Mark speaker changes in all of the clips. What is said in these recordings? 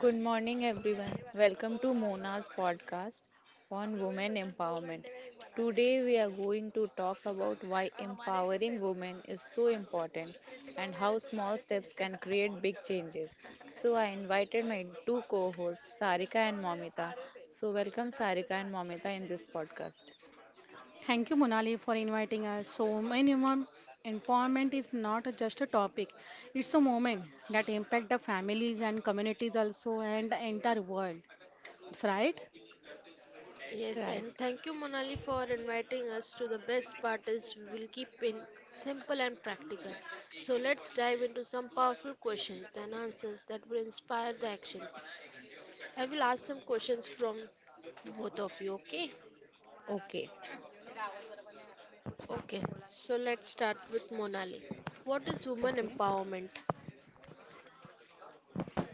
Speaker 1: Good morning, everyone. Welcome to Mona's podcast on women empowerment. Today, we are going to talk about why empowering women is so important and how small steps can create big changes. So, I invited my two co hosts, Sarika and Momita. So, welcome, Sarika and Momita, in this podcast.
Speaker 2: Thank you, Monali, for inviting us. So, empowerment is not just a topic; it's a moment that impact the families and communities also and the entire world. That's right.
Speaker 3: Yes,
Speaker 1: Right.
Speaker 3: and thank you, Monali, for inviting us to the best part is we will keep it simple and practical. So let's dive into some powerful questions and answers that will inspire the actions. I will ask some questions from both of you, okay?
Speaker 1: Okay.
Speaker 3: Okay, so let's start with Monali. What is woman
Speaker 1: Okay.
Speaker 3: empowerment?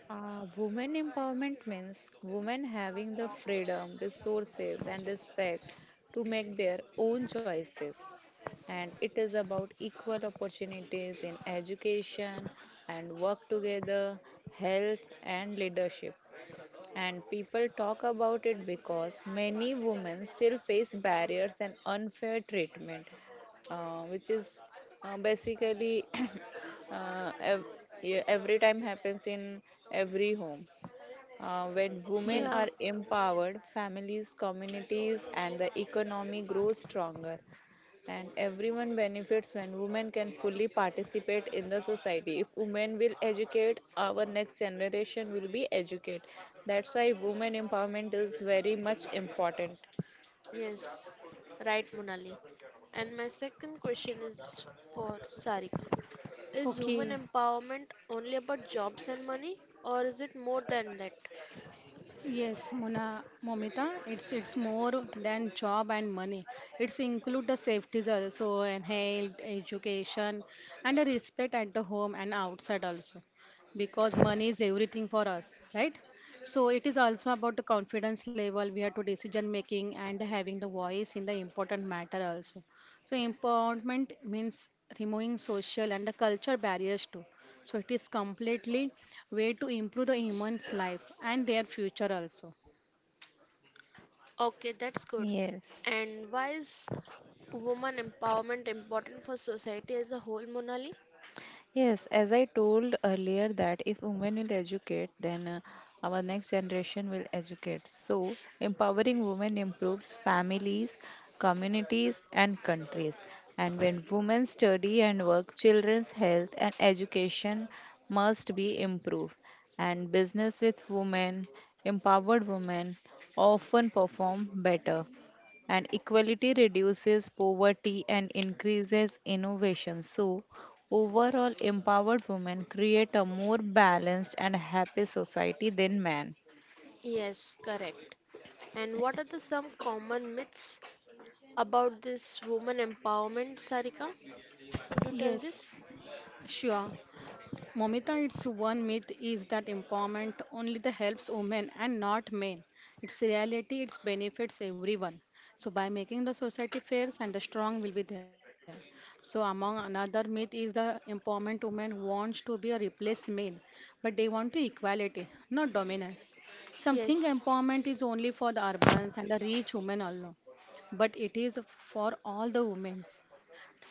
Speaker 1: Women empowerment means women having the freedom, resources, and respect to make their own choices. And it is about equal opportunities in education and work together, health, and leadership and people talk about it because many women still face barriers and unfair treatment, which is basically uh, ev- yeah, every time happens in every home. When
Speaker 3: Yeah.
Speaker 1: women
Speaker 2: Yes.
Speaker 1: are empowered, families, communities, and the economy grow stronger and everyone benefits when women can fully participate in the society. If women will educate, our next generation will be educated. That's why women empowerment is very much important.
Speaker 3: Yes, right, Monali. And my second question is for Sarika. Is women
Speaker 2: Okay.
Speaker 3: empowerment only about jobs and money, or is it more than that?
Speaker 2: Yes, Mona, Momita, it's more than job and money. It's include the safeties also and health, education, and the respect at the home and outside also, because money is everything for us, right? So it is also about the confidence level we have to decision making and having the voice in the important matter also. So empowerment means removing social and the culture barriers too, so it is completely way to improve the human's life and their future also.
Speaker 3: Okay, that's good.
Speaker 1: Yes.
Speaker 3: And why is women empowerment important for society as a whole, Monali?
Speaker 1: Yes, as I told earlier, that if women will educate, then our next generation will educate. So, empowering women improves families, communities, and countries. And when women study and work, children's health and education must be improved. And business with women, empowered women, often perform better and equality reduces poverty and increases innovation. So, overall, empowered women create a more balanced and happy society than men.
Speaker 3: Yes, correct. And what are the some common myths about this woman empowerment, Sarika? Could you tell
Speaker 2: Yes.
Speaker 3: this?
Speaker 2: Sure. Momita, its one myth is that empowerment only the helps women and not men. Its reality, it benefits everyone. So by making the society fair and the strong will be there. So among another myth is the empowerment women wants to be a replace men, but they want to equality, not dominance. Something
Speaker 3: Yes.
Speaker 2: empowerment is only for the urbans and the rich women alone, but it is for all the women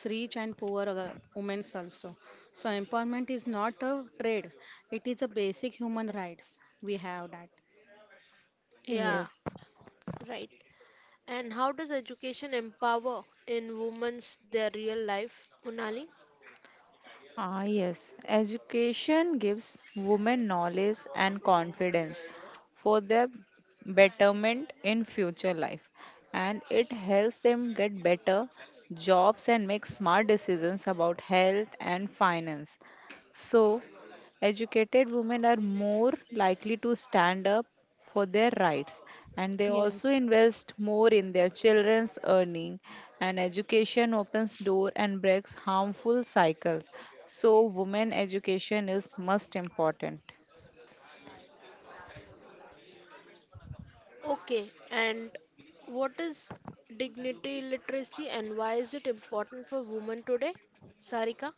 Speaker 2: rich and poor women also. So empowerment is not a trade; it is a basic human rights. We have that.
Speaker 3: Yeah,
Speaker 1: Yes.
Speaker 3: right. And how does education empower in women's their real life, Monali?
Speaker 1: Ah, yes. Education gives women knowledge and confidence for their betterment in future life, and it helps them get better jobs and make smart decisions about health and finance. So, educated women are more likely to stand up for their rights and they also
Speaker 2: Yes.
Speaker 1: invest more in their children's earning and education opens door and breaks harmful cycles. So women education is most important.
Speaker 3: Okay, and what is dignity literacy and why is it important for women today? Sarika?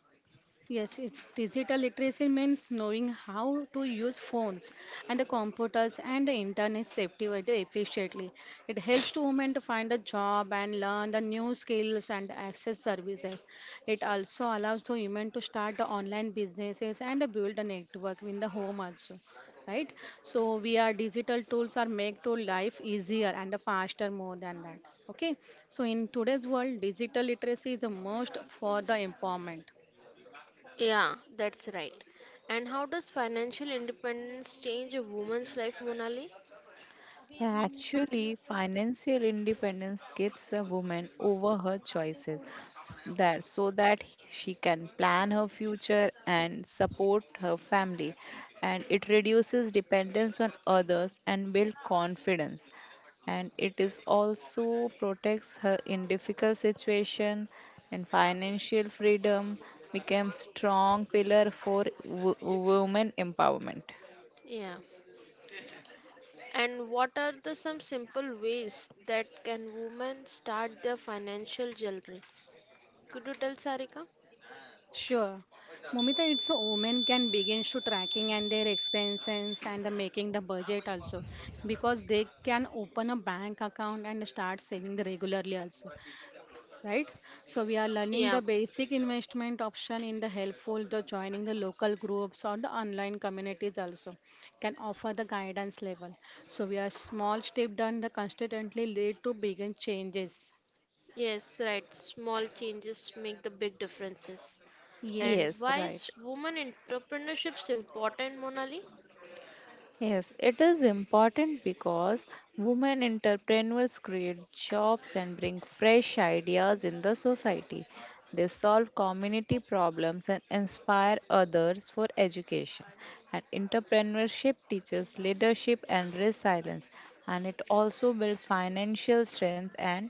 Speaker 2: Yes, it's digital literacy means knowing how to use phones and the computers and the internet safety way to efficiently. It helps to women to find a job and learn the new skills and access services. It also allows the women to start the online businesses and build a network in the home also. Right? So we are digital tools are make to life easier and faster more than that. Okay. So in today's world, digital literacy is the most for the empowerment.
Speaker 3: Yeah, that's right. And how does financial independence change a woman's life, Monali?
Speaker 1: Yeah, actually, financial independence gives a woman over her choices s- that so that she can plan her future and support her family, and it reduces dependence on others and build confidence. And it is also protects her in difficult situation, and financial freedom becomes strong pillar for women empowerment.
Speaker 3: Yeah. And what are the some simple ways that can women start their financial jewelry? Could you tell Sarika?
Speaker 2: Sure. Momita, it's a women can begin to tracking and their expenses and the making the budget also because they can open a bank account and start saving the regularly also, right? So we are learning
Speaker 3: Yeah.
Speaker 2: the basic investment option in the helpful the joining the local groups or the online communities also can offer the guidance level. So we are small step done the constantly lead to bigger changes.
Speaker 3: Yes, right. Small changes make the big differences.
Speaker 2: Yes.
Speaker 3: And
Speaker 1: Yes,
Speaker 3: why
Speaker 1: right.
Speaker 3: is woman entrepreneurship important, Monali?
Speaker 1: Yes, it is important because women entrepreneurs create jobs and bring fresh ideas in the society. They solve community problems and inspire others for education. And entrepreneurship teaches leadership and resilience, and it also builds financial strength and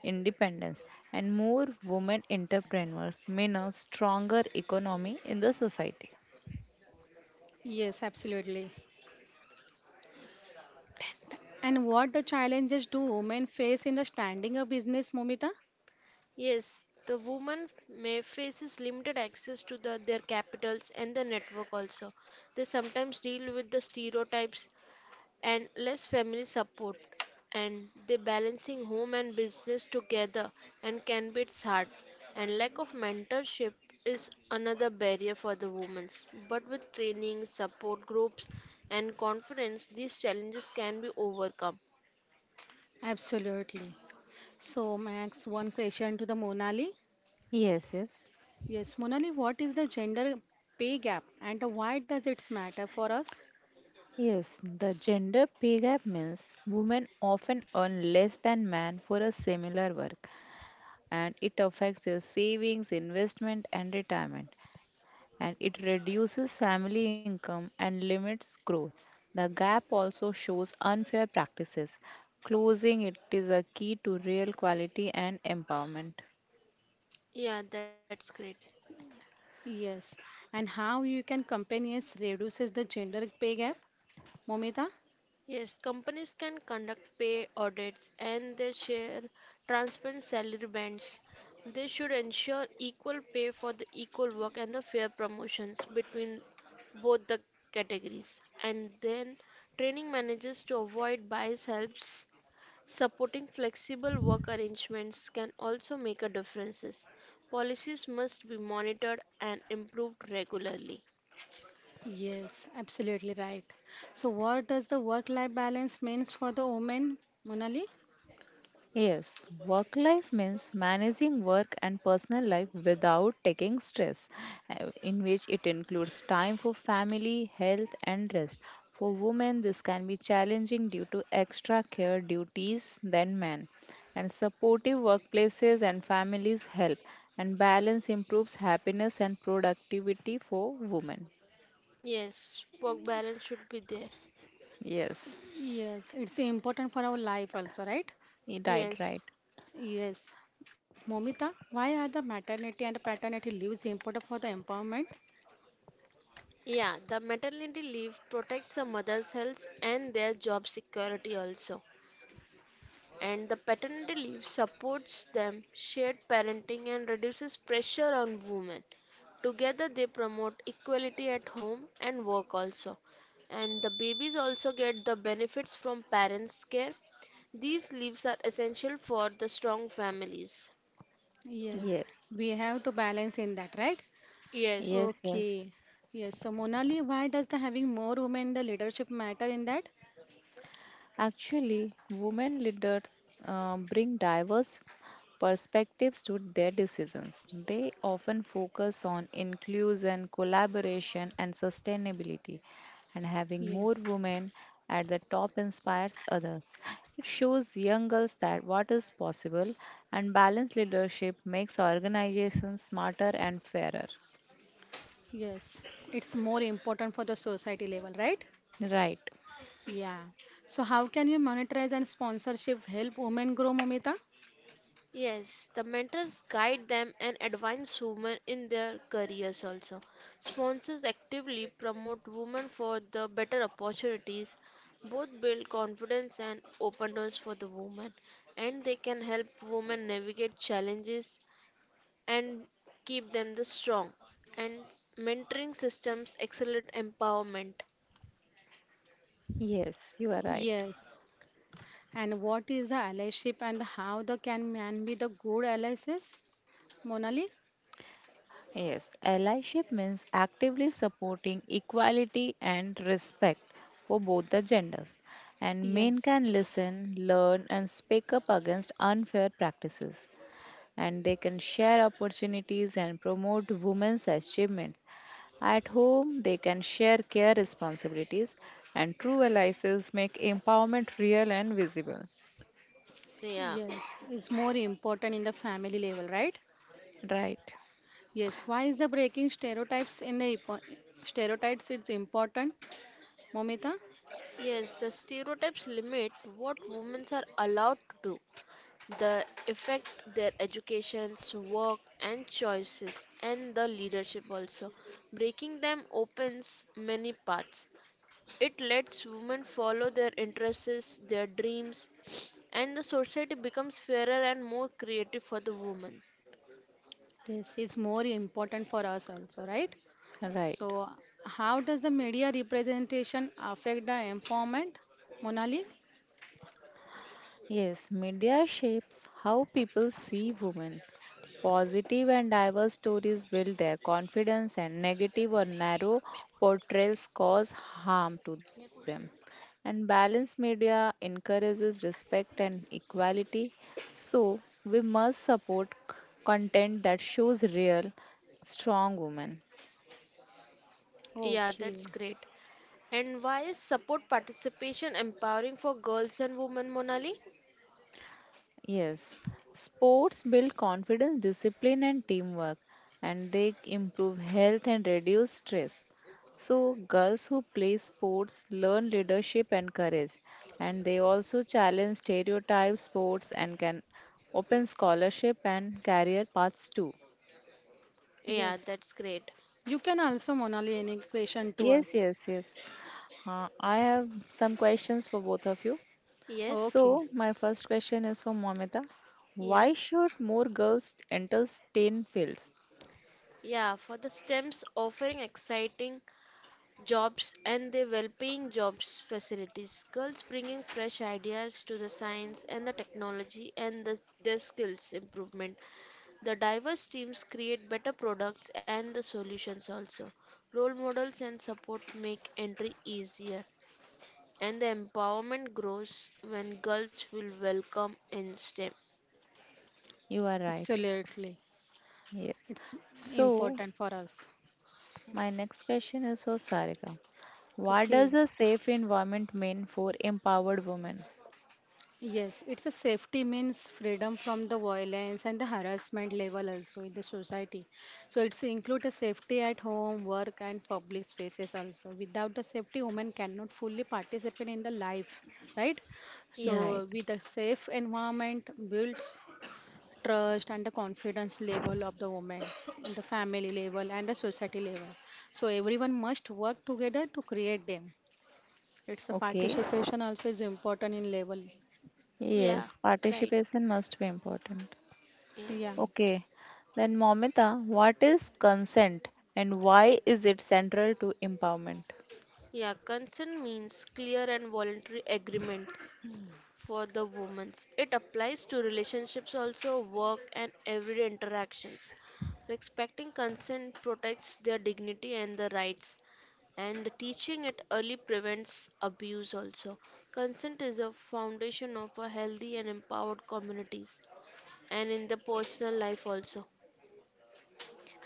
Speaker 1: independence. And more women entrepreneurs mean a stronger economy in the society.
Speaker 2: Yes, absolutely. And what the challenges do women face in the standing up business, Momita?
Speaker 3: Yes, the woman may faces limited access to their capitals and the network also. They sometimes deal with the stereotypes and less family support and the balancing home and business together and can be it's hard and lack of mentorship is another barrier for the women, but with training support groups and confidence these challenges can be overcome.
Speaker 2: Absolutely. So, Max, one question to the Monali.
Speaker 1: Yes, yes.
Speaker 2: Yes, Monali, what is the gender pay gap and why does it matter for us?
Speaker 1: Yes, the gender pay gap means women often earn less than men for a similar work, and it affects their savings, investment, and retirement, and it reduces family income and limits growth. The gap also shows unfair practices. Closing it is a key to real quality and empowerment.
Speaker 3: Yeah, that's great.
Speaker 2: Yes, and how you can companies reduces the gender pay gap, Momita?
Speaker 3: Yes, companies can conduct pay audits and they share transparent salary bands. They should ensure equal pay for the equal work and the fair promotions between both the categories. And then training managers to avoid bias helps. Supporting flexible work arrangements can also make a difference. Policies must be monitored and improved regularly.
Speaker 2: Yes, absolutely right. So, what does the work-life balance means for the women, Monali?
Speaker 1: Yes, work life means managing work and personal life without taking stress, in which it includes time for family, health, and rest. For women, this can be challenging due to extra care duties than men, and supportive workplaces and families help, and balance improves happiness and productivity for women.
Speaker 3: Yes, work balance should be there.
Speaker 1: Yes,
Speaker 2: Yes, it's important for our life also, right?
Speaker 1: right, right.
Speaker 3: Yes.
Speaker 2: Yes. Momita, why are the maternity and the paternity leaves important for the empowerment?
Speaker 3: Yeah, the maternity leave protects the mother's health and their job security also. And the paternity leave supports them shared parenting and reduces pressure on women. Together they promote equality at home and work also. And the babies also get the benefits from parents' care. These leaves are essential for the strong families.
Speaker 2: Yes,
Speaker 1: Yes,
Speaker 2: we have to balance in that, right?
Speaker 3: Yes.
Speaker 1: yes, yes.
Speaker 2: Okay. Yes. So Monali, why does the having more women in the leadership matter in that?
Speaker 1: Actually, women leaders bring diverse perspectives to their decisions. They often focus on inclusion, collaboration, and sustainability. And having more
Speaker 2: Yes.
Speaker 1: women at the top inspires others. It shows young girls that what is possible, and balanced leadership makes organizations smarter and fairer.
Speaker 2: Yes. It's more important for the society level, right?
Speaker 1: Right.
Speaker 2: Yeah. So how can you monetize and sponsorship help women grow, Momita?
Speaker 3: Yes, the mentors guide them and advance women in their careers also. Sponsors actively promote women for the better opportunities, both build confidence and open doors for the women, and they can help women navigate challenges and keep them the strong. And mentoring systems accelerate empowerment.
Speaker 1: Yes, you are right.
Speaker 2: Yes. And what is the allyship and how the can man be the good allies? Monali?
Speaker 1: Yes, allyship means actively supporting equality and respect for both the genders. And men
Speaker 2: Yes.
Speaker 1: can listen, learn, and speak up against unfair practices. And they can share opportunities and promote women's achievements. At home, they can share care responsibilities, and true allies make empowerment real and visible.
Speaker 3: Yeah.
Speaker 2: Yes. It's more important in the family level, right?
Speaker 1: Right,
Speaker 2: Yes. Why is the breaking stereotypes in the impo- stereotypes it's important, Momita?
Speaker 3: Yes, the stereotypes limit what women are allowed to do, the effect their educations, work, and choices, and the leadership also. Breaking them opens many paths. It lets women follow their interests, their dreams, and the society becomes fairer and more creative for the woman.
Speaker 2: Yes, it's more important for us also, right?
Speaker 1: right.
Speaker 2: So how does the media representation affect the empowerment, Monali?
Speaker 1: Yes, media shapes how people see women. Positive and diverse stories build their confidence, and negative or narrow portrayals cause harm to them. And balanced media encourages respect and equality. So, we must support content that shows real, strong women.
Speaker 3: Yeah, that's
Speaker 2: Okay.
Speaker 3: great. And why is support participation empowering for girls and women, Monali?
Speaker 1: Yes, sports build confidence, discipline, and teamwork, and they improve health and reduce stress. So, girls who play sports learn leadership and courage, and they also challenge stereotypes, sports, and can open scholarship and career paths too.
Speaker 3: Yeah,
Speaker 2: Yes.
Speaker 3: that's great.
Speaker 2: You can also, Monali, any question to
Speaker 1: Yes,
Speaker 2: us.
Speaker 1: yes, yes. I have some questions for both of you.
Speaker 3: Yes.
Speaker 2: Okay.
Speaker 1: So, my first question is for Momita.
Speaker 3: Yeah.
Speaker 1: Why should more girls enter STEM fields?
Speaker 3: Yeah, for the STEMs offering exciting jobs and the well-paying jobs facilities, girls bringing fresh ideas to the science and the technology and their skills improvement, the diverse teams create better products and the solutions also, role models and support make entry easier, and the empowerment grows when girls will welcome in stem.
Speaker 1: You are right.
Speaker 2: Absolutely.
Speaker 1: Yes.
Speaker 2: It's
Speaker 1: So,
Speaker 2: important for us.
Speaker 1: my next question is for Sarika. What does
Speaker 2: Okay.
Speaker 1: a safe environment mean for empowered women?
Speaker 2: Yes, it's a safety means freedom from the violence and the harassment level also in the society. So it's include a safety at home, work and public spaces also. Without the safety, women cannot fully participate in the life, right?
Speaker 3: Yeah.
Speaker 1: Right.
Speaker 2: So with a safe environment builds trust and the confidence level of the women in the family level and the society level. So everyone must work together to create them. It's a
Speaker 1: Okay.
Speaker 2: participation also is important in level.
Speaker 3: Yeah,
Speaker 1: Yes,
Speaker 3: right.
Speaker 1: participation must be important.
Speaker 2: Yeah.
Speaker 3: Yes.
Speaker 1: Okay. Then, Momita, what is consent and why is it central to empowerment?
Speaker 3: Yeah, consent means clear and voluntary agreement for the women. It applies to relationships also, work and everyday interactions. Respecting consent protects their dignity and their rights, and the teaching it early prevents abuse also. Consent is a foundation of a healthy and empowered communities and in the personal life also.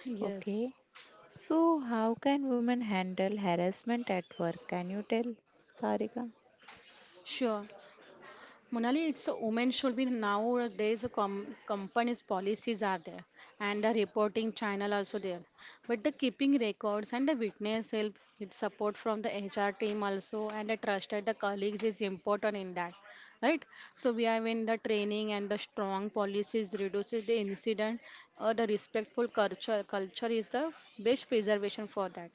Speaker 2: Yes,
Speaker 1: Okay. So, how can women handle harassment at work? Can you tell, Sarika?
Speaker 2: sure. Monali, it's a woman should be nowadays a companies policies are there and a reporting channel also there. But the keeping records and the witness help it support from the HR team also and the trusted the colleagues is important in that, right? So we have in the training and the strong policies reduces the incident or the respectful culture is the best preservation for that.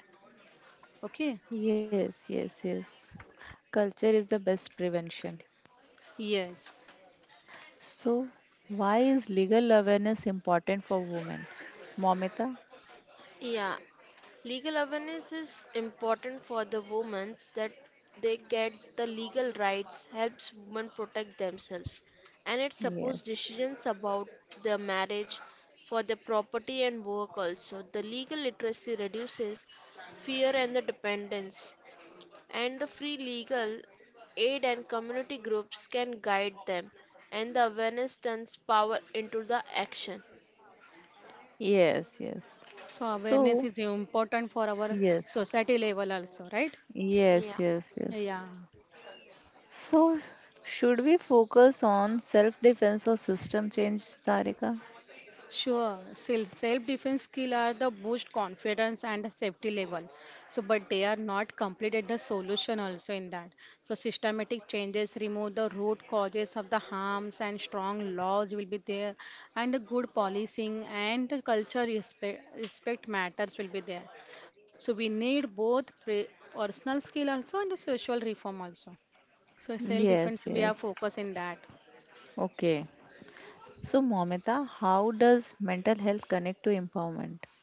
Speaker 2: Okay?
Speaker 1: Yes, yes, yes. Culture is the best prevention.
Speaker 2: Yes.
Speaker 1: So, why is legal awareness important for women? Momita?
Speaker 3: Yeah, legal awareness is important for the women that they get the legal rights, helps women protect themselves, and it supports
Speaker 1: Yes.
Speaker 3: decisions about their marriage, for their property and work also. The legal literacy reduces fear and the dependence, and the free legal aid and community groups can guide them, and the awareness turns power into the action.
Speaker 1: Yes, yes.
Speaker 2: So awareness
Speaker 1: So,
Speaker 2: is important for our
Speaker 1: yes.
Speaker 2: society level also, right?
Speaker 3: Yeah.
Speaker 1: Yes, yes, yes.
Speaker 2: Yeah.
Speaker 1: So, should we focus on self defense or system change, Tarika?
Speaker 2: Sure. Self defense skill are the boost confidence and the safety level. So, but they are not completed the solution also in that. So, systematic changes remove the root causes of the harms and strong laws will be there, and the good policing and the culture respect matters will be there. So, we need both personal skill also and the social reform also. So
Speaker 1: Yes,
Speaker 2: self-defense, we are
Speaker 1: yes.
Speaker 2: focused in that.
Speaker 1: Okay. So, Momita, how does mental health connect to empowerment?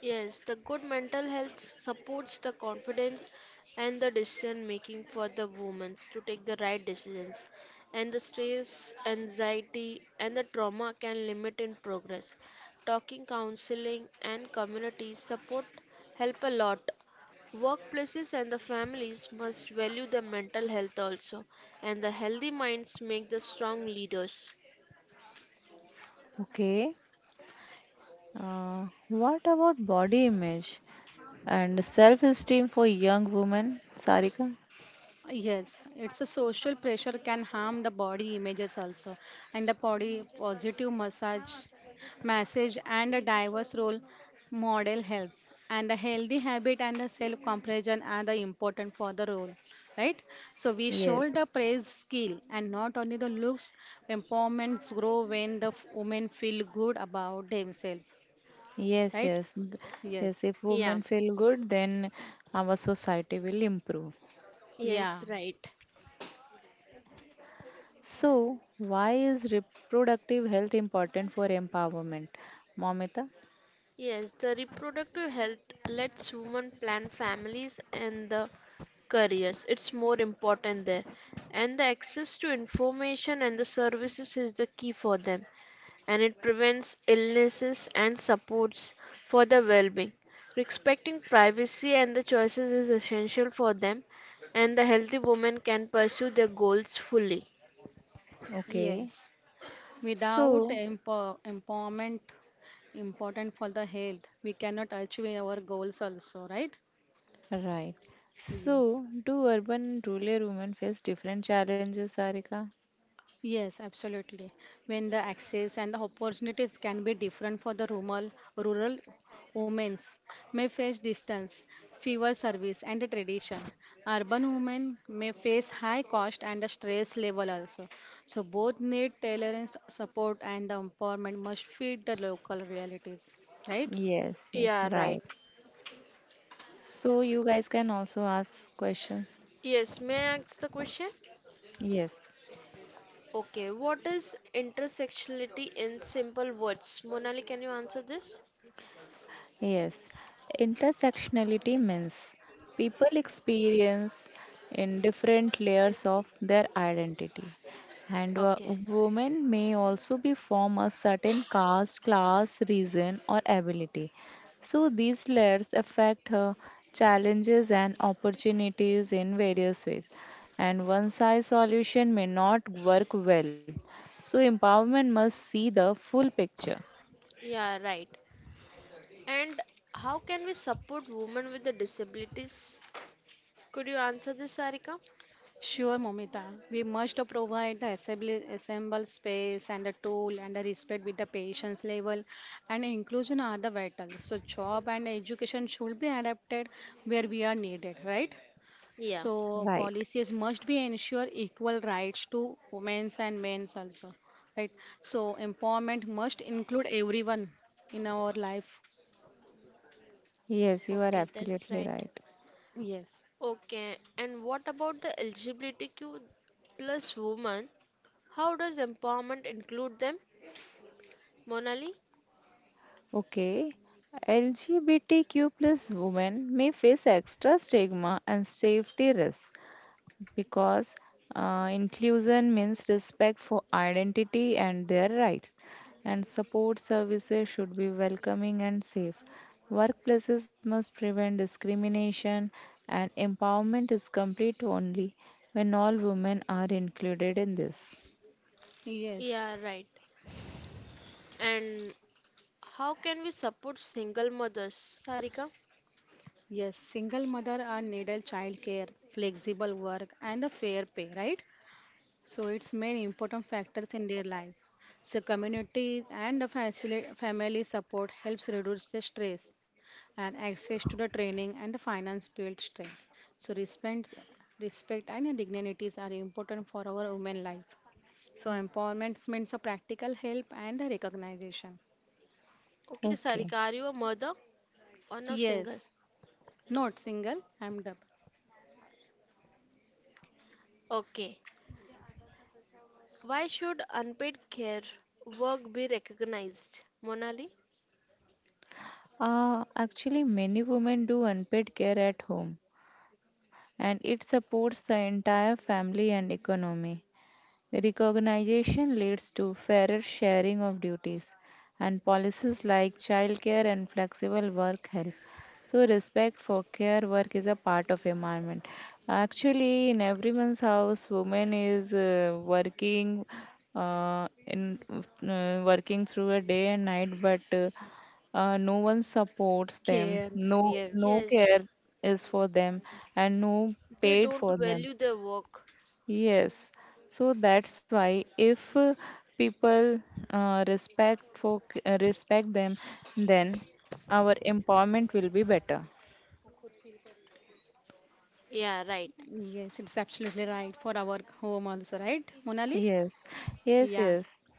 Speaker 3: Yes, the good mental health supports the confidence and the decision making for the women to take the right decisions. And the stress, anxiety, and the trauma can limit in progress. Talking, counseling, and community support help a lot. Workplaces and the families must value the mental health also, and the healthy minds make the strong leaders.
Speaker 1: Okay. What about body image and self esteem for young women, Sarika?
Speaker 2: Yes, it's a social pressure can harm the body images also, and the body positive massage and a diverse role model helps. And the healthy habit and the self-comparison are the important for the role, right? So we show
Speaker 1: Yes.
Speaker 2: the praise skill and not only the looks. Empowerments grow when the women feel good about themselves,
Speaker 1: Yes,
Speaker 2: right?
Speaker 1: yes, th-
Speaker 2: Yes.
Speaker 1: yes. If
Speaker 3: Yeah.
Speaker 1: women feel good, then our society will improve.
Speaker 2: Yeah.
Speaker 3: Yes, right.
Speaker 1: So, why is reproductive health important for empowerment, Momita?
Speaker 3: Yes, the reproductive health lets women plan families and the careers. It's more important there. And the access to information and the services is the key for them. And it prevents illnesses and supports for the well being. Respecting privacy and the choices is essential for them, and the healthy woman can pursue their goals fully.
Speaker 2: Yes.
Speaker 1: Okay.
Speaker 2: Without
Speaker 1: So,
Speaker 2: empowerment, important for the health, we cannot achieve our goals also, right?
Speaker 1: right.
Speaker 2: Yes.
Speaker 1: So, do urban and rural women face different challenges, Sarika?
Speaker 2: Yes, absolutely. When the access and the opportunities can be different for the rural women may face distance, fewer service and the tradition. Urban women may face high cost and the stress level also. So both need tolerance, support and the empowerment must fit the local realities, right?
Speaker 1: Yes, yes,
Speaker 3: Yeah, right.
Speaker 1: right. So you guys can also ask questions.
Speaker 3: Yes, may I ask the question?
Speaker 1: Yes.
Speaker 3: Okay, what is intersectionality in simple words? Monali, can you answer this?
Speaker 1: Yes, intersectionality means people experience in different layers of their identity. And
Speaker 3: Okay,
Speaker 1: women may also be from a certain caste, class, region, or ability. So these layers affect her challenges and opportunities in various ways. And one size solution may not work well. So empowerment must see the full picture.
Speaker 3: yeah, right. And how can we support women with the disabilities? Could you answer this, Sarika?
Speaker 2: Sure, Momita. We must provide the assemble space and the tool and the respect with the patient's level and inclusion are the vital. So job and education should be adapted where we are needed, right?
Speaker 3: Yeah.
Speaker 2: So
Speaker 1: Right.
Speaker 2: policies must be ensure equal rights to women's and men's also, right? So empowerment must include everyone in our life.
Speaker 1: Yes, you are
Speaker 3: Okay, that's
Speaker 1: absolutely
Speaker 3: right.
Speaker 1: right.
Speaker 2: Yes.
Speaker 3: Okay, and what about the LGBTQ plus women? How does empowerment include them? Monali?
Speaker 1: Okay. LGBTQ plus women may face extra stigma and safety risks because inclusion means respect for identity and their rights, and support services should be welcoming and safe. Workplaces must prevent discrimination, and empowerment is complete only when all women are included in this.
Speaker 2: Yes.
Speaker 3: Yeah, right. And how can we support single mothers? Sarika?
Speaker 2: Yes, single mother are needed childcare, flexible work, and a fair pay, right? So it's main important factors in their life. So community and the family support helps reduce the stress and access to the training and the finance build strength. So respect and dignities are important for our women life. So empowerment means a practical help and the recognition.
Speaker 3: Okay, Sarika,
Speaker 1: Okay.
Speaker 3: are you a mother or now single? Yes.
Speaker 2: Yes, not single, I'm double.
Speaker 3: Okay. Why should unpaid care work be recognized? Monali?
Speaker 1: Actually, many women do unpaid care at home, and it supports the entire family and economy. Recognition leads to fairer sharing of duties, and policies like childcare and flexible work help. So, respect for care work is a part of environment. Actually, in everyone's house, woman is working in working through a day and night, but no one supports them.
Speaker 2: Cares,
Speaker 1: No, no
Speaker 2: yes.
Speaker 1: care
Speaker 3: Yes,
Speaker 1: is for them, and no
Speaker 3: they
Speaker 1: paid for
Speaker 3: don't
Speaker 1: them.
Speaker 3: value their work.
Speaker 1: Yes, so that's why if people respect them, then our empowerment will be better.
Speaker 3: Yeah, right.
Speaker 2: Yes, it's absolutely right for our home also, right, Monali?
Speaker 1: Yes, yes,
Speaker 2: Yeah.
Speaker 1: yes,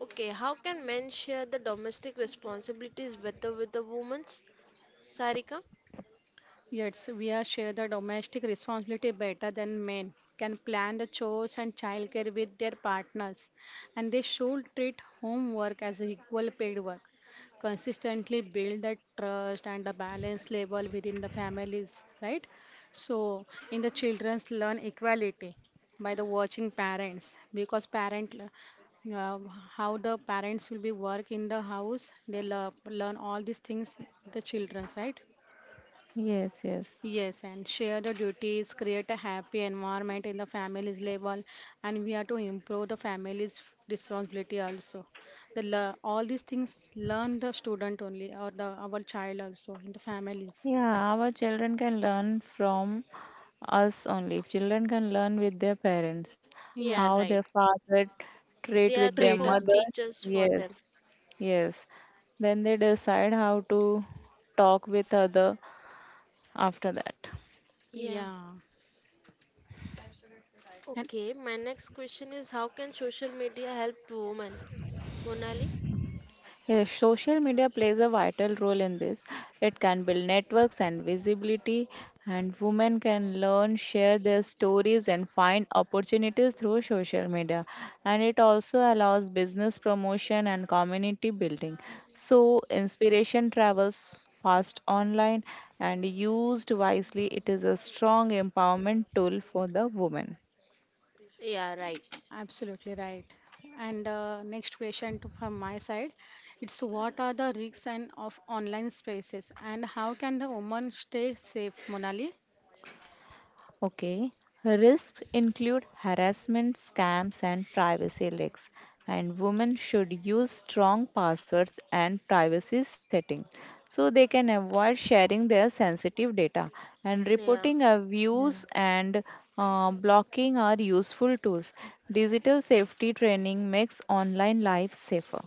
Speaker 3: Okay, how can men share the domestic responsibilities better with the women's? Sarika?
Speaker 2: Yes, we are share the domestic responsibility better than men can plan the chores and childcare with their partners, and they should treat homework as equal paid work. Consistently build the trust and the balance level within the families, right? So, in the children's learn equality by the watching parents because parent how the parents will be work in the house they love, learn all these things the children right.
Speaker 1: yes, yes.
Speaker 2: Yes, and share the duties, create a happy environment in the family's level, and we are to improve the family's responsibility also. The all these things learn the student only or the our child also in the families.
Speaker 1: Yeah, our children can learn from us only. Children can learn with their parents,
Speaker 3: Yeah,
Speaker 1: how
Speaker 2: Yeah,
Speaker 1: their
Speaker 3: right.
Speaker 1: father treat
Speaker 3: They are
Speaker 1: with
Speaker 3: the
Speaker 1: their
Speaker 3: first
Speaker 1: mother.
Speaker 2: traitors.
Speaker 3: teachers for them.
Speaker 1: Yes, yes. Then they decide how to talk with other after that.
Speaker 3: Yeah.
Speaker 2: Yeah, and
Speaker 3: Okay, my next question is how can social media help women? Monali?
Speaker 1: Yes, social media plays a vital role in this. It can build networks and visibility, and women can learn, share their stories, and find opportunities through social media. And it also allows business promotion and community building. So, inspiration travels fast online, and used wisely, it is a strong empowerment tool for the woman.
Speaker 3: Yeah, right.
Speaker 2: absolutely right. And next question to, from my side, it's what are the risks and of online spaces and how can the woman stay safe, Monali?
Speaker 1: Okay. Risks include harassment, scams, and privacy leaks. And women should use strong passwords and privacy settings so they can avoid sharing their sensitive data. And
Speaker 3: Yeah,
Speaker 1: reporting
Speaker 2: Yeah.
Speaker 1: abuse and blocking are useful tools. Digital safety training makes online life safer.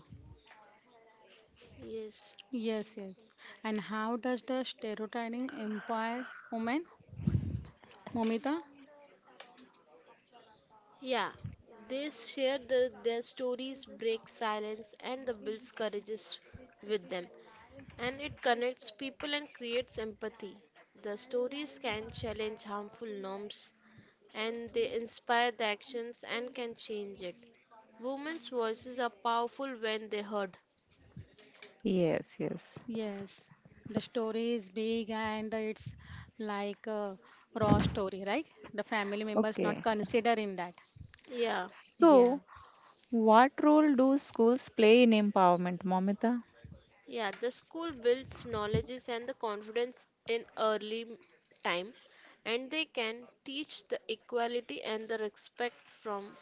Speaker 3: yes.
Speaker 2: Yes, yes. And how does the stereotyping empire women, Momita?
Speaker 3: Yeah. They share the, their stories, break silence, and the builds courages with them. And it connects people and creates empathy. The stories can challenge harmful norms and they inspire the actions and can change it. Women's voices are powerful when they heard.
Speaker 1: Yes, yes.
Speaker 2: Yes. The story is big and it's like a raw story, right? The family members not
Speaker 1: Okay.
Speaker 2: consider in that.
Speaker 3: Yeah.
Speaker 2: Yeah.
Speaker 1: So, what role do schools play in empowerment, Momita?
Speaker 3: Yeah, the school builds knowledges and the confidence in early time, and they can teach the equality and the respect from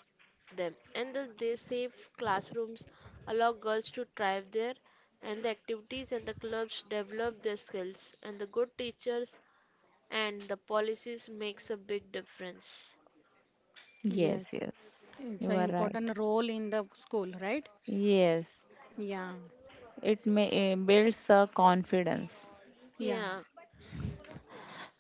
Speaker 3: them. And the, they safe classrooms allow girls to thrive there, and the activities and the clubs develop their skills, and the good teachers and the policies makes a big difference.
Speaker 1: Yes,
Speaker 2: Yes.
Speaker 1: yes,
Speaker 2: It's
Speaker 1: you
Speaker 2: an
Speaker 1: are right.
Speaker 2: important role in the school, right?
Speaker 1: Yes,
Speaker 2: Yeah.
Speaker 1: it may, builds a confidence.
Speaker 2: Yeah.
Speaker 3: Yeah,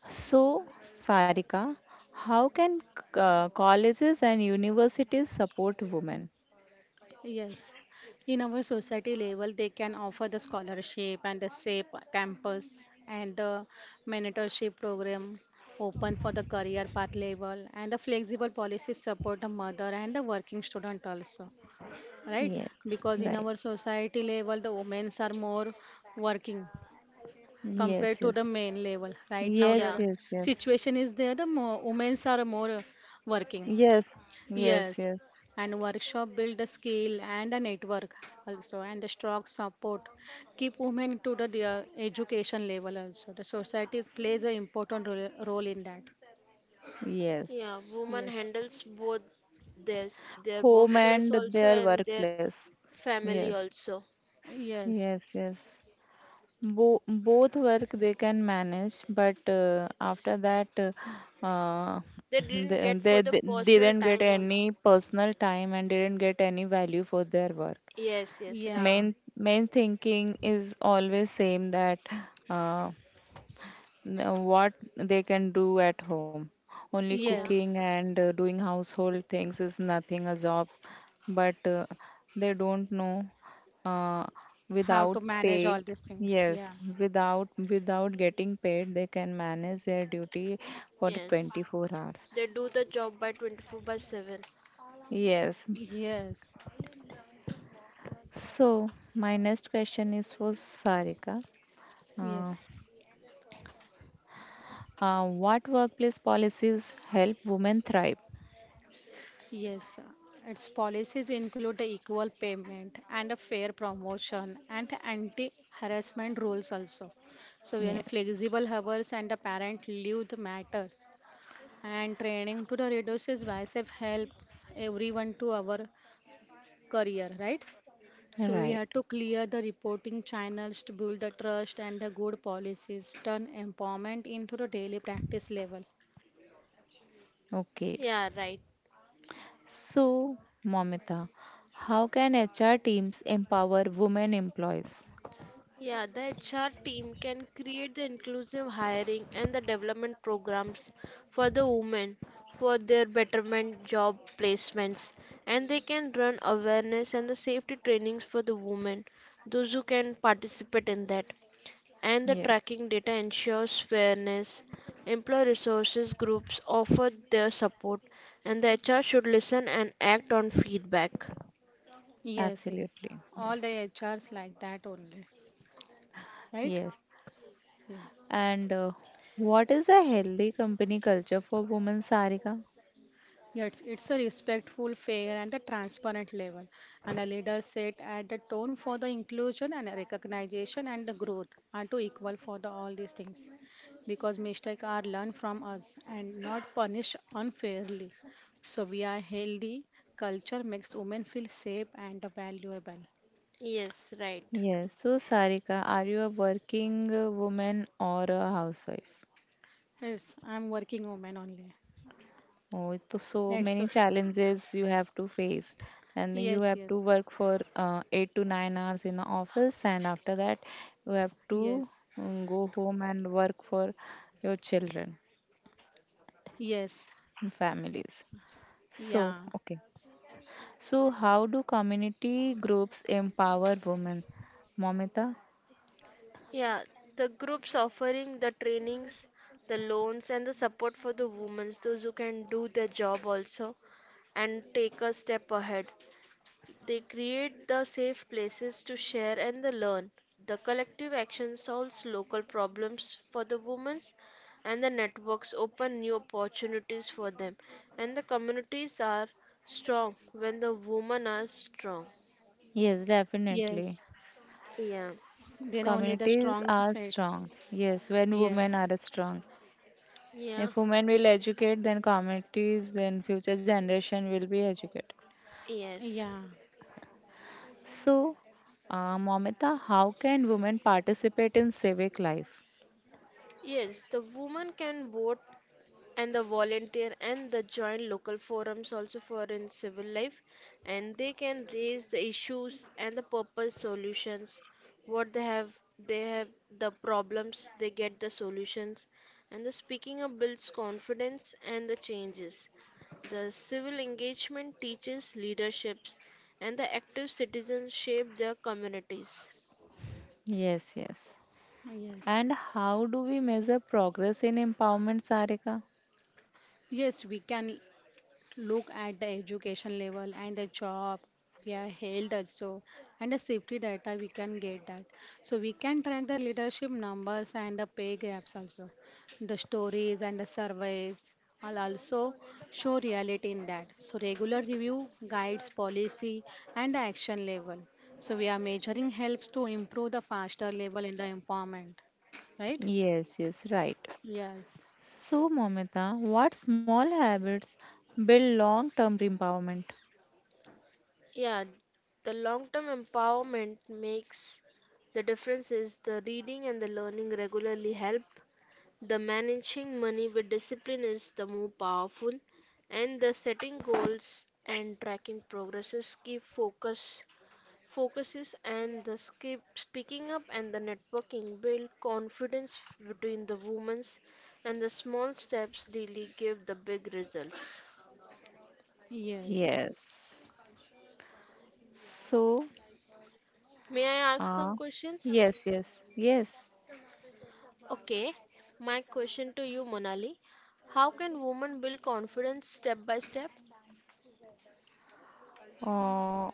Speaker 1: So, Sarika, how can colleges and universities support women?
Speaker 2: Yes, in our society level, they can offer the scholarship and the SAPE campus and the mentorship program open for the career path level and the flexible policies support the mother and the working student also, right?
Speaker 1: Yes,
Speaker 2: Because in
Speaker 1: right.
Speaker 2: our society level, the women are more working
Speaker 1: Yes,
Speaker 2: compared to the
Speaker 1: yes,
Speaker 2: men level. Right now,
Speaker 3: yeah.
Speaker 1: yes,
Speaker 2: the
Speaker 1: yes, yes,
Speaker 2: situation is there, the more, women are more working.
Speaker 1: yes, yes,
Speaker 2: Yes,
Speaker 1: yes,
Speaker 2: and workshop build a skill and a network also, and the strong support. Keep women to the their education level also. The society plays an important role in that.
Speaker 1: yes.
Speaker 3: Yeah, women
Speaker 2: Yes,
Speaker 3: handles both their their
Speaker 1: Home
Speaker 3: workplace
Speaker 1: and
Speaker 3: also
Speaker 1: their
Speaker 3: and their
Speaker 1: workplace.
Speaker 3: family
Speaker 1: Yes,
Speaker 3: also.
Speaker 2: yes,
Speaker 1: yes, yes. Both work they can manage, but after that, uh, uh,
Speaker 3: They didn't
Speaker 1: they,
Speaker 3: get
Speaker 1: they,
Speaker 3: for the
Speaker 1: they
Speaker 3: personal
Speaker 1: didn't get
Speaker 3: time also.
Speaker 1: any personal time and didn't get any value for their work.
Speaker 3: Yes, yes, right.
Speaker 2: yeah,
Speaker 1: Main thinking is always same that. Uh, what they can do at home. Only
Speaker 3: Yeah,
Speaker 2: yes.
Speaker 1: cooking and doing household things is nothing a job, but they don't know uh,
Speaker 2: How
Speaker 1: without
Speaker 2: to manage
Speaker 1: paid.
Speaker 2: all these things.
Speaker 1: Yes,
Speaker 2: Yeah,
Speaker 1: without getting paid, they can manage their duty for the
Speaker 3: yes.
Speaker 1: 24 hours.
Speaker 3: They do the job by 24 by 7.
Speaker 1: Yes.
Speaker 2: yes,
Speaker 1: So my next question is for Sarika. Uh,
Speaker 2: yes.
Speaker 1: what workplace policies help women thrive?
Speaker 2: Yes, its policies include the equal payment and a fair promotion and anti-harassment rules also. So we are
Speaker 1: Yes.
Speaker 2: flexible hours and the parent leave the matter and training to the reduces biceps helps everyone to our career, right? So we
Speaker 1: Right.
Speaker 2: have to clear the reporting channels to build the trust and the good policies, turn empowerment into the daily practice level.
Speaker 1: Okay.
Speaker 3: Yeah, right.
Speaker 1: So, Momita, how can HR teams empower women employees?
Speaker 3: Yeah, the HR team can create the inclusive hiring and the development programs for the women for their betterment job placements, and they can run awareness and the safety trainings for the women those who can participate in that, and the
Speaker 1: Yeah,
Speaker 3: tracking data ensures fairness. Employee resources groups offer their support, and the HR should listen and act on feedback.
Speaker 2: Yes, yes.
Speaker 1: absolutely.
Speaker 2: All the
Speaker 1: Yes.
Speaker 2: HRs like that only. Right?
Speaker 1: Yes.
Speaker 2: Yeah.
Speaker 1: And what is a healthy company culture for women, Sarika?
Speaker 2: Yes, it's a respectful, fair, and a transparent level. And a leader set at the tone for the inclusion and recognition and the growth are to equal for the, all these things. Because mistakes are learned from us and not punished unfairly. So we are healthy. Culture makes women feel safe and valuable.
Speaker 3: Yes, right.
Speaker 1: Yes. So, Sarika, are you a working woman or a housewife?
Speaker 2: Yes, I'm working woman only.
Speaker 1: Oh, to so
Speaker 2: That's
Speaker 1: many
Speaker 2: why.
Speaker 1: challenges you have to face, and you
Speaker 2: Yes,
Speaker 1: have to
Speaker 2: yes,
Speaker 1: work for 8 to 9 hours in the office, and after that, you have to
Speaker 2: yes,
Speaker 1: go home and work for your children
Speaker 2: yes,
Speaker 1: and families. So,
Speaker 2: yeah,
Speaker 1: okay. So, how do community groups empower women, Momita?
Speaker 3: Yeah, the groups offering the trainings, the loans, and the support for the women, those who can do their job also and take a step ahead. They create the safe places to share and the learn. The collective action solves local problems for the women and the networks open new opportunities for them. And the communities are strong when the women are strong.
Speaker 1: Yes,
Speaker 2: yes.
Speaker 1: definitely.
Speaker 3: Yeah.
Speaker 2: Then only the
Speaker 1: Communities
Speaker 2: strong
Speaker 1: are
Speaker 2: side.
Speaker 1: strong. Yes, when women
Speaker 2: Yes,
Speaker 1: are strong.
Speaker 3: Yeah.
Speaker 1: If women will educate, then communities, then future generation will be educated.
Speaker 3: Yes.
Speaker 2: yeah,
Speaker 1: So, Momita, how can women participate in civic life?
Speaker 3: Yes, the woman can vote and the volunteer and the joint local forums also for in civil life, and they can raise the issues and the purpose solutions. What they have, they have the problems they get the solutions, and the speaking up builds confidence and the changes. The civil engagement teaches leaderships, and the active citizens shape their communities.
Speaker 1: Yes, yes.
Speaker 2: yes,
Speaker 1: And how do we measure progress in empowerment, Sarika?
Speaker 2: yes. We can. Look at the education level and the job we are held also and the safety data we can get that. So we can track the leadership numbers and the pay gaps also. The stories and the surveys will also show reality in that. So regular review guides policy and the action level. So we are measuring helps to improve the faster level in the empowerment. Right?
Speaker 1: Yes, yes, right.
Speaker 2: Yes.
Speaker 1: So, Momita, what small habits build long-term empowerment?
Speaker 3: Yeah, the long term empowerment makes the difference is the reading and the learning regularly help. The managing money with discipline is the more powerful, and the setting goals and tracking progresses keep focuses and the skip speaking up and the networking build confidence between the women's, and the small steps daily give the big results.
Speaker 2: Yes.
Speaker 1: Yes. So,
Speaker 3: May I ask
Speaker 1: uh,
Speaker 3: some questions?
Speaker 1: yes, yes, yes.
Speaker 3: Okay, my question to you, Monali. How can women build confidence step by step?
Speaker 1: Uh,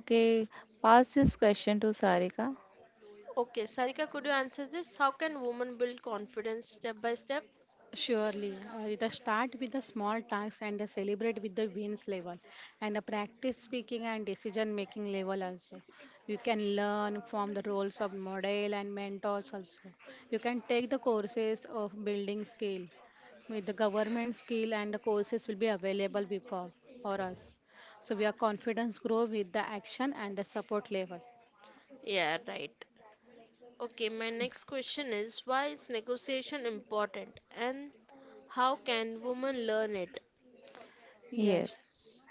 Speaker 1: Okay, pass this question to Sarika.
Speaker 3: Okay, Sarika, could you answer this? How can women build confidence step by step?
Speaker 2: Surely, it does start with the small tasks and celebrate with the wins level and the practice speaking and decision making level also. You can learn from the roles of model and mentors also. You can take the courses of building skill with the government skill and the courses will be available before for us. So we are confidence grow with the action and the support level.
Speaker 3: Yeah, right. Okay, my next question is why is negotiation important and how can women learn it?
Speaker 1: Yes.
Speaker 2: Yes.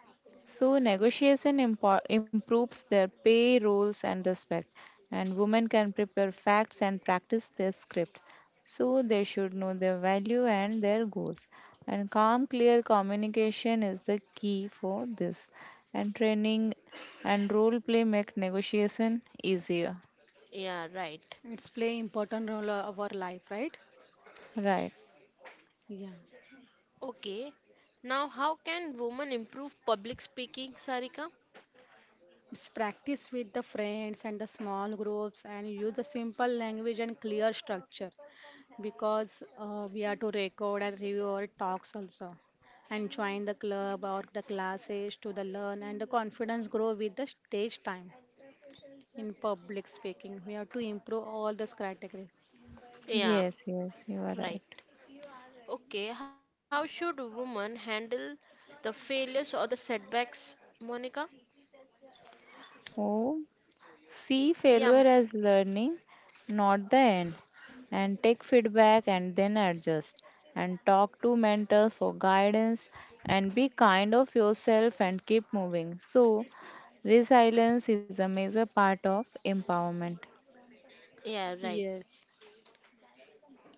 Speaker 1: So improves their pay, roles, and respect, and women can prepare facts and practice their scripts. So they should know their value and their goals. And calm, clear communication is the key for this. And training and role play make negotiation easier.
Speaker 3: Yeah, right.
Speaker 2: It's play important role of our life, right?
Speaker 1: Right.
Speaker 2: Yeah.
Speaker 3: Okay. Now, how can women improve public speaking, Sarika?
Speaker 2: It's practice with the friends and the small groups and use a simple language and clear structure because we are to record and review our talks also and join the club or the classes to the learn and the confidence grow with the stage time in public speaking. We have to improve all these categories.
Speaker 3: Yeah,
Speaker 1: Yes, yes, you are
Speaker 3: right.
Speaker 1: right.
Speaker 3: Okay, how should women handle the failures or the setbacks, Monica?
Speaker 1: Oh. See
Speaker 3: Yeah, m-
Speaker 1: failure as learning, not the end. And take feedback and then adjust. And talk to mentors for guidance and be kind of yourself and keep moving. So resilience is a major part of empowerment.
Speaker 3: yeah, right.
Speaker 2: Yes,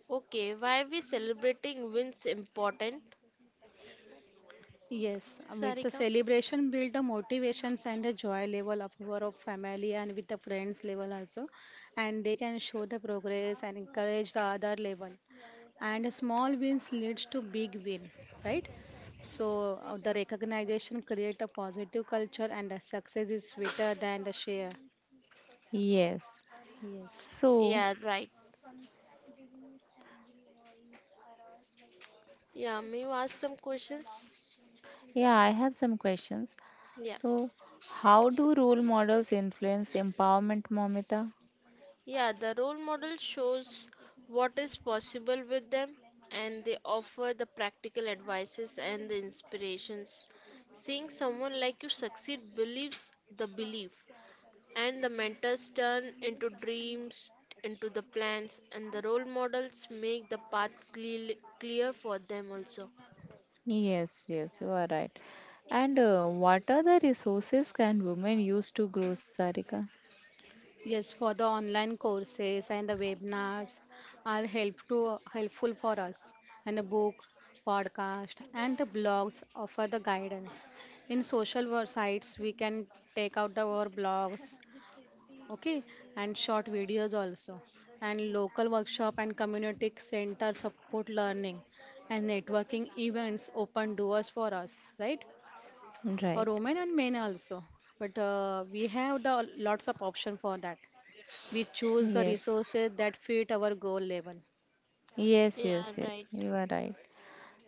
Speaker 3: Okay, why we celebrating wins important,
Speaker 2: yes. It's a
Speaker 3: Sarika?
Speaker 2: celebration, build the motivations and the joy level of our of family and with the friends level also, and they can show the progress and encourage the other level. And small wins leads to big win, right? So the recognition create a positive culture and the success is sweeter than the share.
Speaker 1: Yes.
Speaker 2: Yes.
Speaker 1: So,
Speaker 3: Yeah, right. Yeah, may you ask some questions?
Speaker 1: yeah, I have some questions. So,
Speaker 3: Yes.
Speaker 1: how do role models influence empowerment, Momita?
Speaker 3: Yeah, the role model shows what is possible with them and they offer the practical advices and the inspirations. Seeing someone like you succeed believes the belief, and the mentors turn into dreams, into the plans, and the role models make the path clear for them also.
Speaker 1: Yes, yes, you are right. And what are the resources can women use to grow, Sarika?
Speaker 2: Yes, for the online courses and the webinars are help to helpful for us. And the book, podcast, and the blogs offer the guidance. In sites, we can take out the, our blogs, okay, and short videos also, and local workshop and community center support learning and networking events open doors for us, right? For
Speaker 1: Right.
Speaker 2: women and men also, but we have the lots of option for that. We choose the
Speaker 1: Yes.
Speaker 2: resources that fit our goal level.
Speaker 1: Yes,
Speaker 3: Yeah,
Speaker 1: yes, yes.
Speaker 3: right.
Speaker 1: You are right.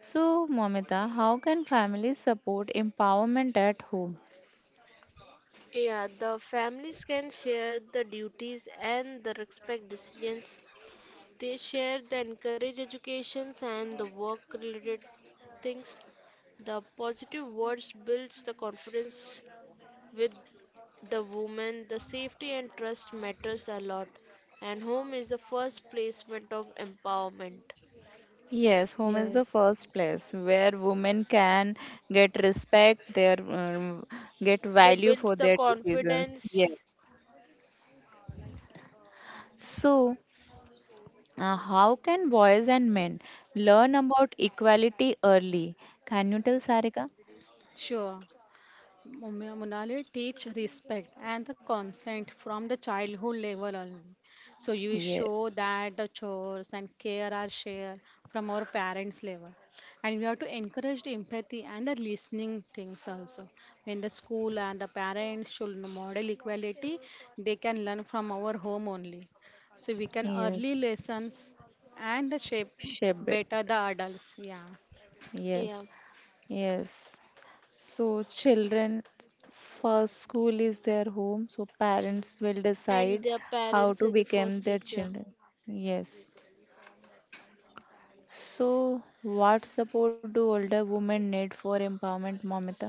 Speaker 1: So, Momita, how can families support empowerment at home?
Speaker 3: Yeah, the families can share the duties and the respect decisions. They share they encourage educations and the work related things. The positive words builds the confidence with the woman. The safety and trust matters a lot. And home is the first placement of empowerment.
Speaker 1: Yes, home is the
Speaker 2: Yes,
Speaker 1: first place where women can get respect, their get
Speaker 3: They
Speaker 1: value
Speaker 3: builds
Speaker 1: for
Speaker 3: the
Speaker 1: their decisions. Yes.
Speaker 3: confidence.
Speaker 1: So, how can boys and men learn about equality early? Can you tell, Sarika?
Speaker 2: sure. Monali teach respect and the consent from the childhood level only. So you show
Speaker 1: Yes,
Speaker 2: that the chores and care are shared from our parents level. And we have to encourage the empathy and the listening things also. When the school and the parents should model equality, they can learn from our home only. So we can early
Speaker 1: yes,
Speaker 2: lessons and shape
Speaker 1: Shebet.
Speaker 2: better the adults. Yeah.
Speaker 1: Yes,
Speaker 3: Yeah.
Speaker 1: yes. So, children first school is their home, so parents will
Speaker 3: And
Speaker 1: decide
Speaker 3: their
Speaker 1: how
Speaker 3: parents
Speaker 1: to
Speaker 3: is the
Speaker 1: become
Speaker 3: first
Speaker 1: their
Speaker 3: teacher.
Speaker 1: children. Yes. So, what support do older women need for empowerment, Momita?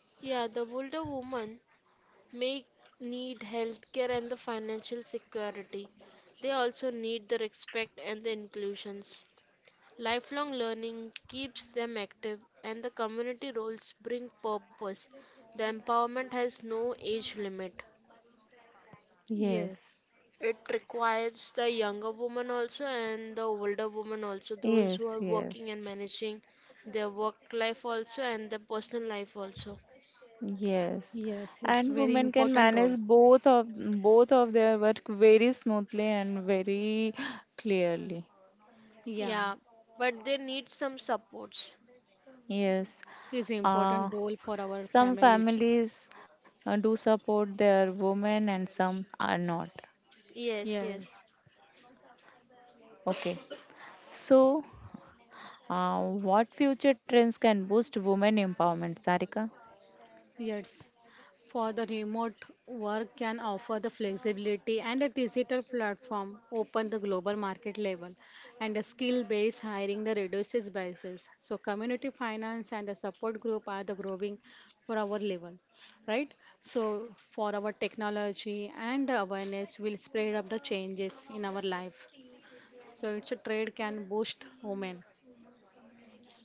Speaker 3: Yeah, the older woman may need healthcare and the financial security. They also need the respect and the inclusions. Lifelong learning keeps them active and the community roles bring purpose. The empowerment has no age limit.
Speaker 2: Yes.
Speaker 1: Yes,
Speaker 3: It requires the younger woman also and the older woman also, those who
Speaker 1: yes,
Speaker 3: are working
Speaker 1: yes.
Speaker 3: and managing their work life also and their personal life also.
Speaker 1: Yes,
Speaker 2: Yes, it's
Speaker 1: and
Speaker 2: very
Speaker 1: women can
Speaker 2: important role.
Speaker 1: manage both of their work very smoothly and very clearly.
Speaker 2: Yeah,
Speaker 3: Yeah, but they need some supports.
Speaker 1: Yes,
Speaker 2: it's
Speaker 1: uh,
Speaker 2: important role for our
Speaker 1: some
Speaker 2: families.
Speaker 1: families do support their women and some are not.
Speaker 3: Yes,
Speaker 2: Yes.
Speaker 3: yes,
Speaker 1: Okay, so what future trends can boost women empowerment, Sarika?
Speaker 2: Yes, for the remote work can offer the flexibility and a digital platform open the global market level and a skill-based hiring the reduces biases. So community finance and the support group are the growing for our level, right? So for our technology and the awareness will spread up the changes in our life. So it's a trade can boost women.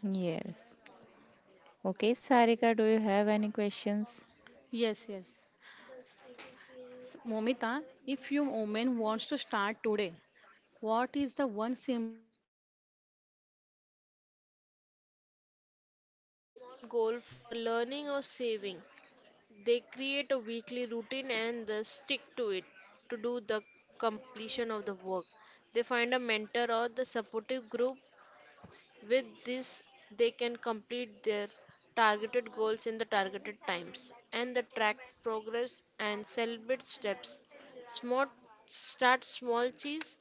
Speaker 1: Yes. Okay, Sarika, do you have any questions?
Speaker 2: Yes, yes. Momita, if your woman wants to start today, what is the one simple plan for us?
Speaker 3: yes. They
Speaker 1: Yes.
Speaker 3: begin with a small goal for learning or saving. They create a weekly routine and they stick to it to do the completion of the work. They find a mentor or the supportive group. With this, they can complete their targeted goals in the targeted times, and the track progress and celebrate steps. Smart, start small cheese,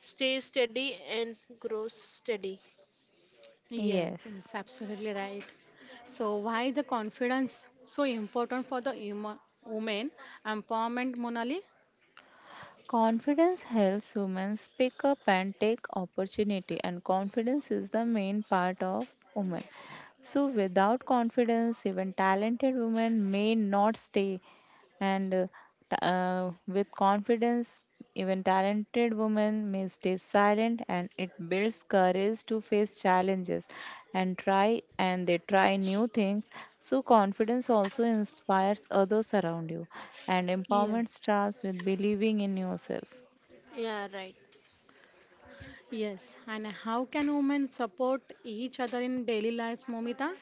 Speaker 3: stay steady, and grow steady.
Speaker 2: Yes,
Speaker 1: Yes.
Speaker 2: it's absolutely right. So, why the confidence so important for the women empowerment, Monali?
Speaker 1: Confidence helps women speak up and take opportunity, and confidence is the main part of women. So without confidence even talented women may not stay, and with confidence even talented women may stay silent. And it builds courage to face challenges and try and they try new things. So confidence also inspires others around you, and empowerment
Speaker 2: Yes,
Speaker 1: starts with believing in yourself.
Speaker 3: Yeah, right.
Speaker 2: yes. And how can women support each other in daily life, Momita?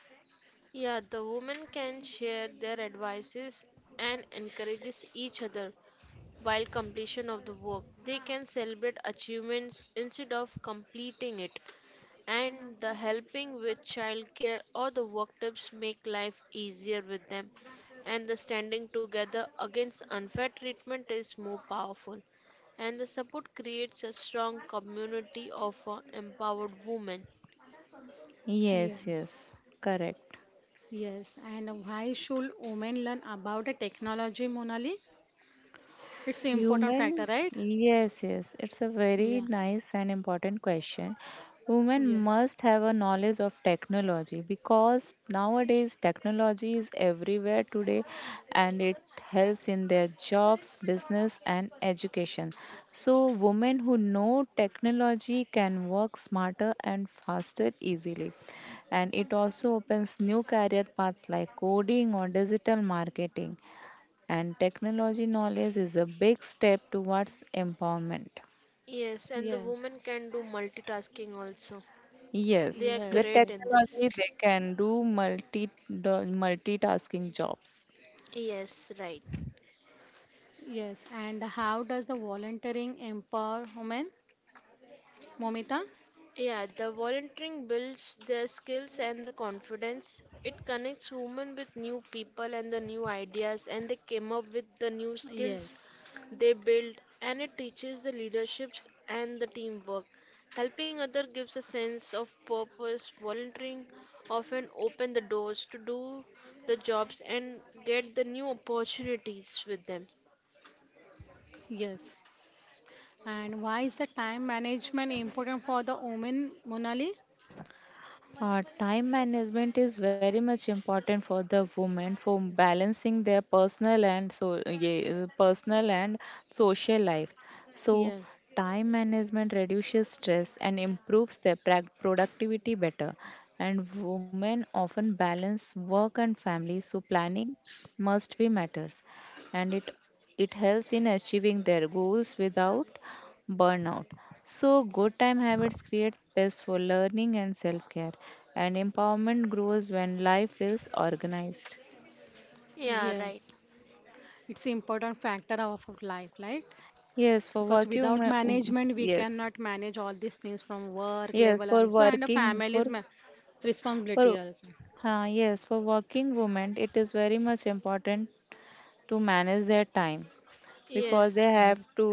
Speaker 3: Yeah, the women can share their advices and encourages each other while completion of the work. They can celebrate achievements instead of completing it. And the helping with childcare or the work tips make life easier with them, and the standing together against unfair treatment is more powerful, and the support creates a strong community of empowered women.
Speaker 1: Yes, yes,
Speaker 2: Yes.
Speaker 1: correct.
Speaker 2: Yes, and why should women learn about the technology, Monali? It's an important factor,
Speaker 1: Human,
Speaker 2: right?
Speaker 1: yes, yes, it's a very
Speaker 2: Yeah,
Speaker 1: nice and important question. Women
Speaker 2: yes,
Speaker 1: must have a knowledge of technology because nowadays technology is everywhere today, and it helps in their jobs, business, and education. So, women who know technology can work smarter and faster easily. And it also opens new career paths like coding or digital marketing, and technology knowledge is a big step towards empowerment.
Speaker 3: Yes, and the
Speaker 2: yes,
Speaker 3: women can do multitasking also. They
Speaker 1: Yes,
Speaker 3: are
Speaker 1: with
Speaker 2: yes,
Speaker 3: great
Speaker 2: yes.
Speaker 3: in this.
Speaker 1: technology, they can do multitasking jobs.
Speaker 3: Yes, right.
Speaker 2: Yes, and how does the volunteering empower women, Momita?
Speaker 3: Yeah, the volunteering builds their skills and the confidence. It connects women with new people and the new ideas, and they came up with the new skills
Speaker 2: Yes,
Speaker 3: they build, and it teaches the leaderships and the teamwork. Helping other gives a sense of purpose. Volunteering often open the doors to do the jobs and get the new opportunities with them.
Speaker 2: yes. And why is the time management important for the women, Monali?
Speaker 1: Time management is very much important for the women for balancing their personal and so yeah, personal and social life. So
Speaker 2: Yes,
Speaker 1: time management reduces stress and improves their productivity better. And women often balance work and family, so planning must be matters, and it helps in achieving their goals without burnout. So, good time habits create space for learning and self care, and empowerment grows when life feels organized.
Speaker 3: Yeah, right.
Speaker 2: yes. It's important factor of life, right?
Speaker 1: Yes, for
Speaker 2: Because
Speaker 1: working,
Speaker 2: without management, we
Speaker 1: yes,
Speaker 2: cannot manage all these things from work
Speaker 1: yes,
Speaker 2: level
Speaker 1: for
Speaker 2: also and a
Speaker 1: working,
Speaker 2: family's ma responsibility
Speaker 1: for,
Speaker 2: also.
Speaker 1: yes, for working women, it is very much important to manage their time
Speaker 3: Yes.
Speaker 1: because they have
Speaker 2: Yes.
Speaker 1: to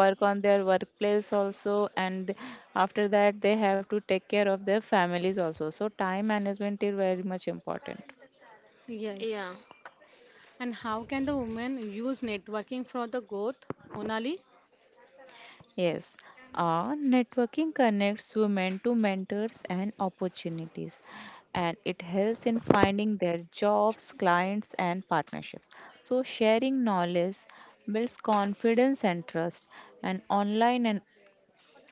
Speaker 1: work on their workplace also, and after that they have to take care of their families also. So time management is very much important.
Speaker 2: Yes.
Speaker 3: Yeah.
Speaker 2: And how can the woman use networking for the growth, Monali?
Speaker 1: Yes, networking connects women to mentors and opportunities, and it helps in finding their jobs, clients, and partnerships. So, sharing knowledge builds confidence and trust, and online and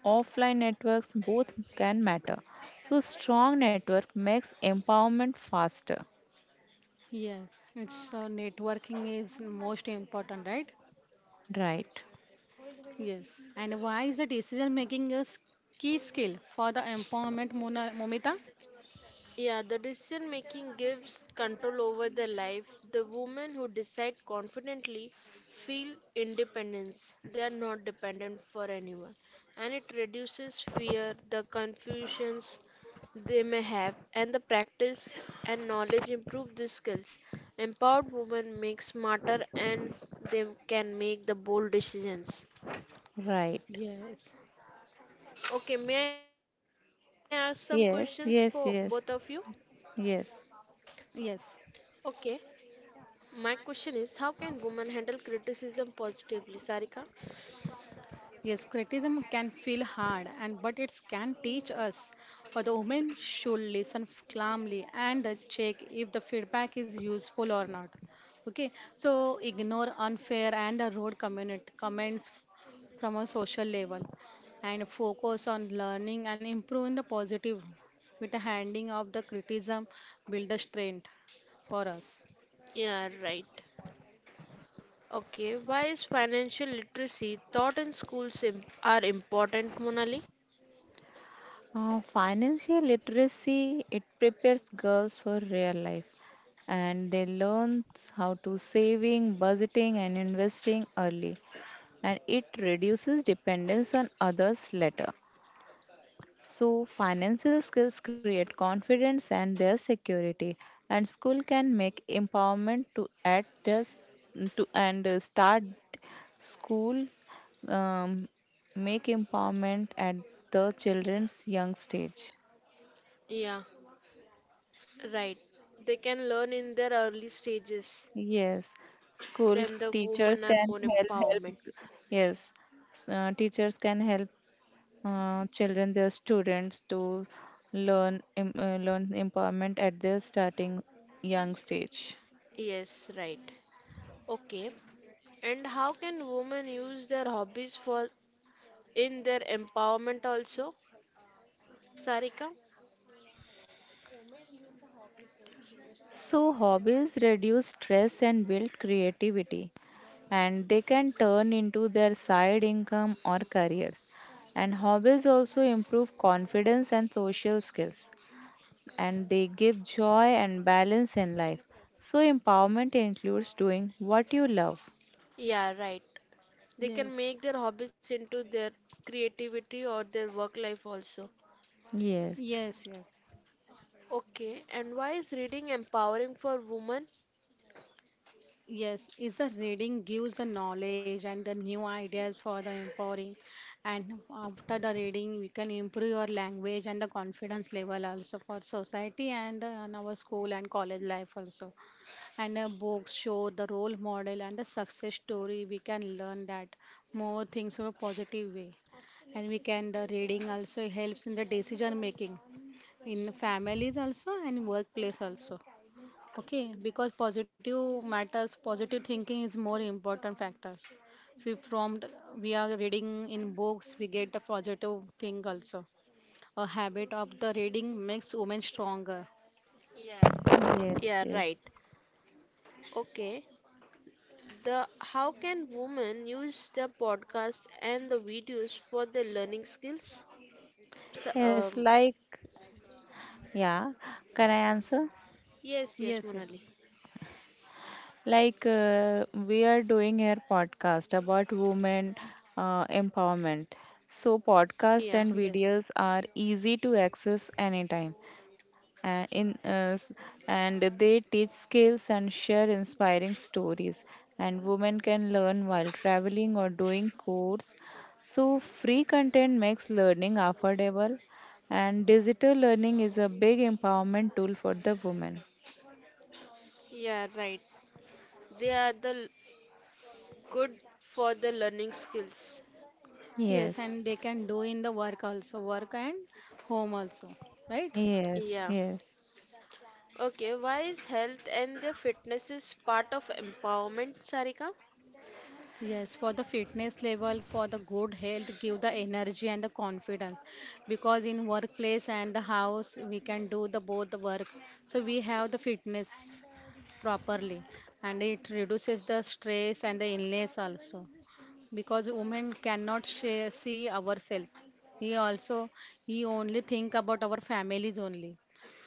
Speaker 1: offline networks both can matter. So, strong network makes empowerment faster.
Speaker 2: Yes, it's so networking is most important, right?
Speaker 1: Right,
Speaker 2: Yes. And why is the decision making a key skill for the empowerment, Momita?
Speaker 3: Yeah, the decision making gives control over their life. The women who decide confidently feel independence. They are not dependent for anyone. And it reduces fear, the confusions they may have, and the practice and knowledge improve these skills. Empowered women make smarter and they can make the bold decisions.
Speaker 1: right.
Speaker 2: Yes.
Speaker 3: Okay, may I ask some questions for both of
Speaker 1: Yes,
Speaker 3: you?
Speaker 1: yes, yes, yes.
Speaker 2: Yes.
Speaker 3: Okay. My question is, how can women handle criticism positively, Sarika?
Speaker 2: Yes, criticism can feel hard, and but it can teach us. For the women should listen calmly and check if the feedback is useful or not. Okay, so ignore unfair and rude community comments from a social level, and focus on learning and improving the positive. With the handing of the criticism, build the strength for us.
Speaker 3: Yeah, right. Okay, why is financial literacy taught in schools are important, Monali?
Speaker 1: Financial literacy, it prepares girls for real life, and they learn how to saving budgeting and investing early, and it reduces dependence on others later. So financial skills create confidence and their security, and school can make empowerment to add this to and start school, um, make empowerment at the children's young stage.
Speaker 3: Yeah, right. They can learn in their early stages.
Speaker 1: Yes, school
Speaker 3: Then the
Speaker 1: teachers
Speaker 3: women are
Speaker 1: can
Speaker 3: more
Speaker 1: help.
Speaker 3: empowerment.
Speaker 1: Yes, teachers can help children, their students, to learn empowerment at their starting young stage.
Speaker 3: Yes, right. Okay. And how can women use their hobbies for in their empowerment also, Sarika?
Speaker 1: So hobbies reduce stress and build creativity, and they can turn into their side income or careers. And hobbies also improve confidence and social skills, and they give joy and balance in life. So, empowerment includes doing what you love.
Speaker 3: Yeah, right. They
Speaker 2: Yes,
Speaker 3: can make their hobbies into their creativity or their work life also.
Speaker 1: Yes,
Speaker 2: yes, yes.
Speaker 3: Okay, and why is reading empowering for women?
Speaker 2: Yes, is the reading gives the knowledge and the new ideas for the empowering, and after the reading we can improve your language and the confidence level also for society and our school and college life also. And books show the role model and the success story. We can learn that more things in a positive way, and we can the reading also helps in the decision making in families also and workplace also. Okay, because positive matters, positive thinking is more important factor. So if we are reading in books, we get the positive thing also. A habit of the reading makes women stronger.
Speaker 3: Yeah.
Speaker 1: yes,
Speaker 3: Yeah,
Speaker 1: yes.
Speaker 3: right. Okay. The how can women use the podcast and the videos for their learning skills? So,
Speaker 1: Yes, like, yeah, can I answer?
Speaker 3: yes, yes,
Speaker 2: Yes, yes,
Speaker 3: Monali.
Speaker 1: Like, we are doing here podcast about women empowerment. So,
Speaker 3: Yeah,
Speaker 1: podcasts
Speaker 2: yes,
Speaker 1: and videos are easy to access anytime. uh, in uh, s- and they teach skills and share inspiring stories, and women can learn while traveling or doing course. So free content makes learning affordable, and digital learning is a big empowerment tool for the women.
Speaker 3: yeah, right. They are the good for the learning skills.
Speaker 2: yes,
Speaker 1: Yes,
Speaker 2: and they can do in the work also, work and home also, right?
Speaker 1: yes,
Speaker 3: Yeah.
Speaker 1: yes,
Speaker 3: Okay, why is health and the fitness is part of empowerment, Sarika?
Speaker 2: Yes, for the fitness level, for the good health, give the energy and the confidence. Because in workplace and the house, we can do the both the work. So we have the fitness properly and it reduces the stress and the illness also because women cannot share, see ourselves, he also, he only think about our families only.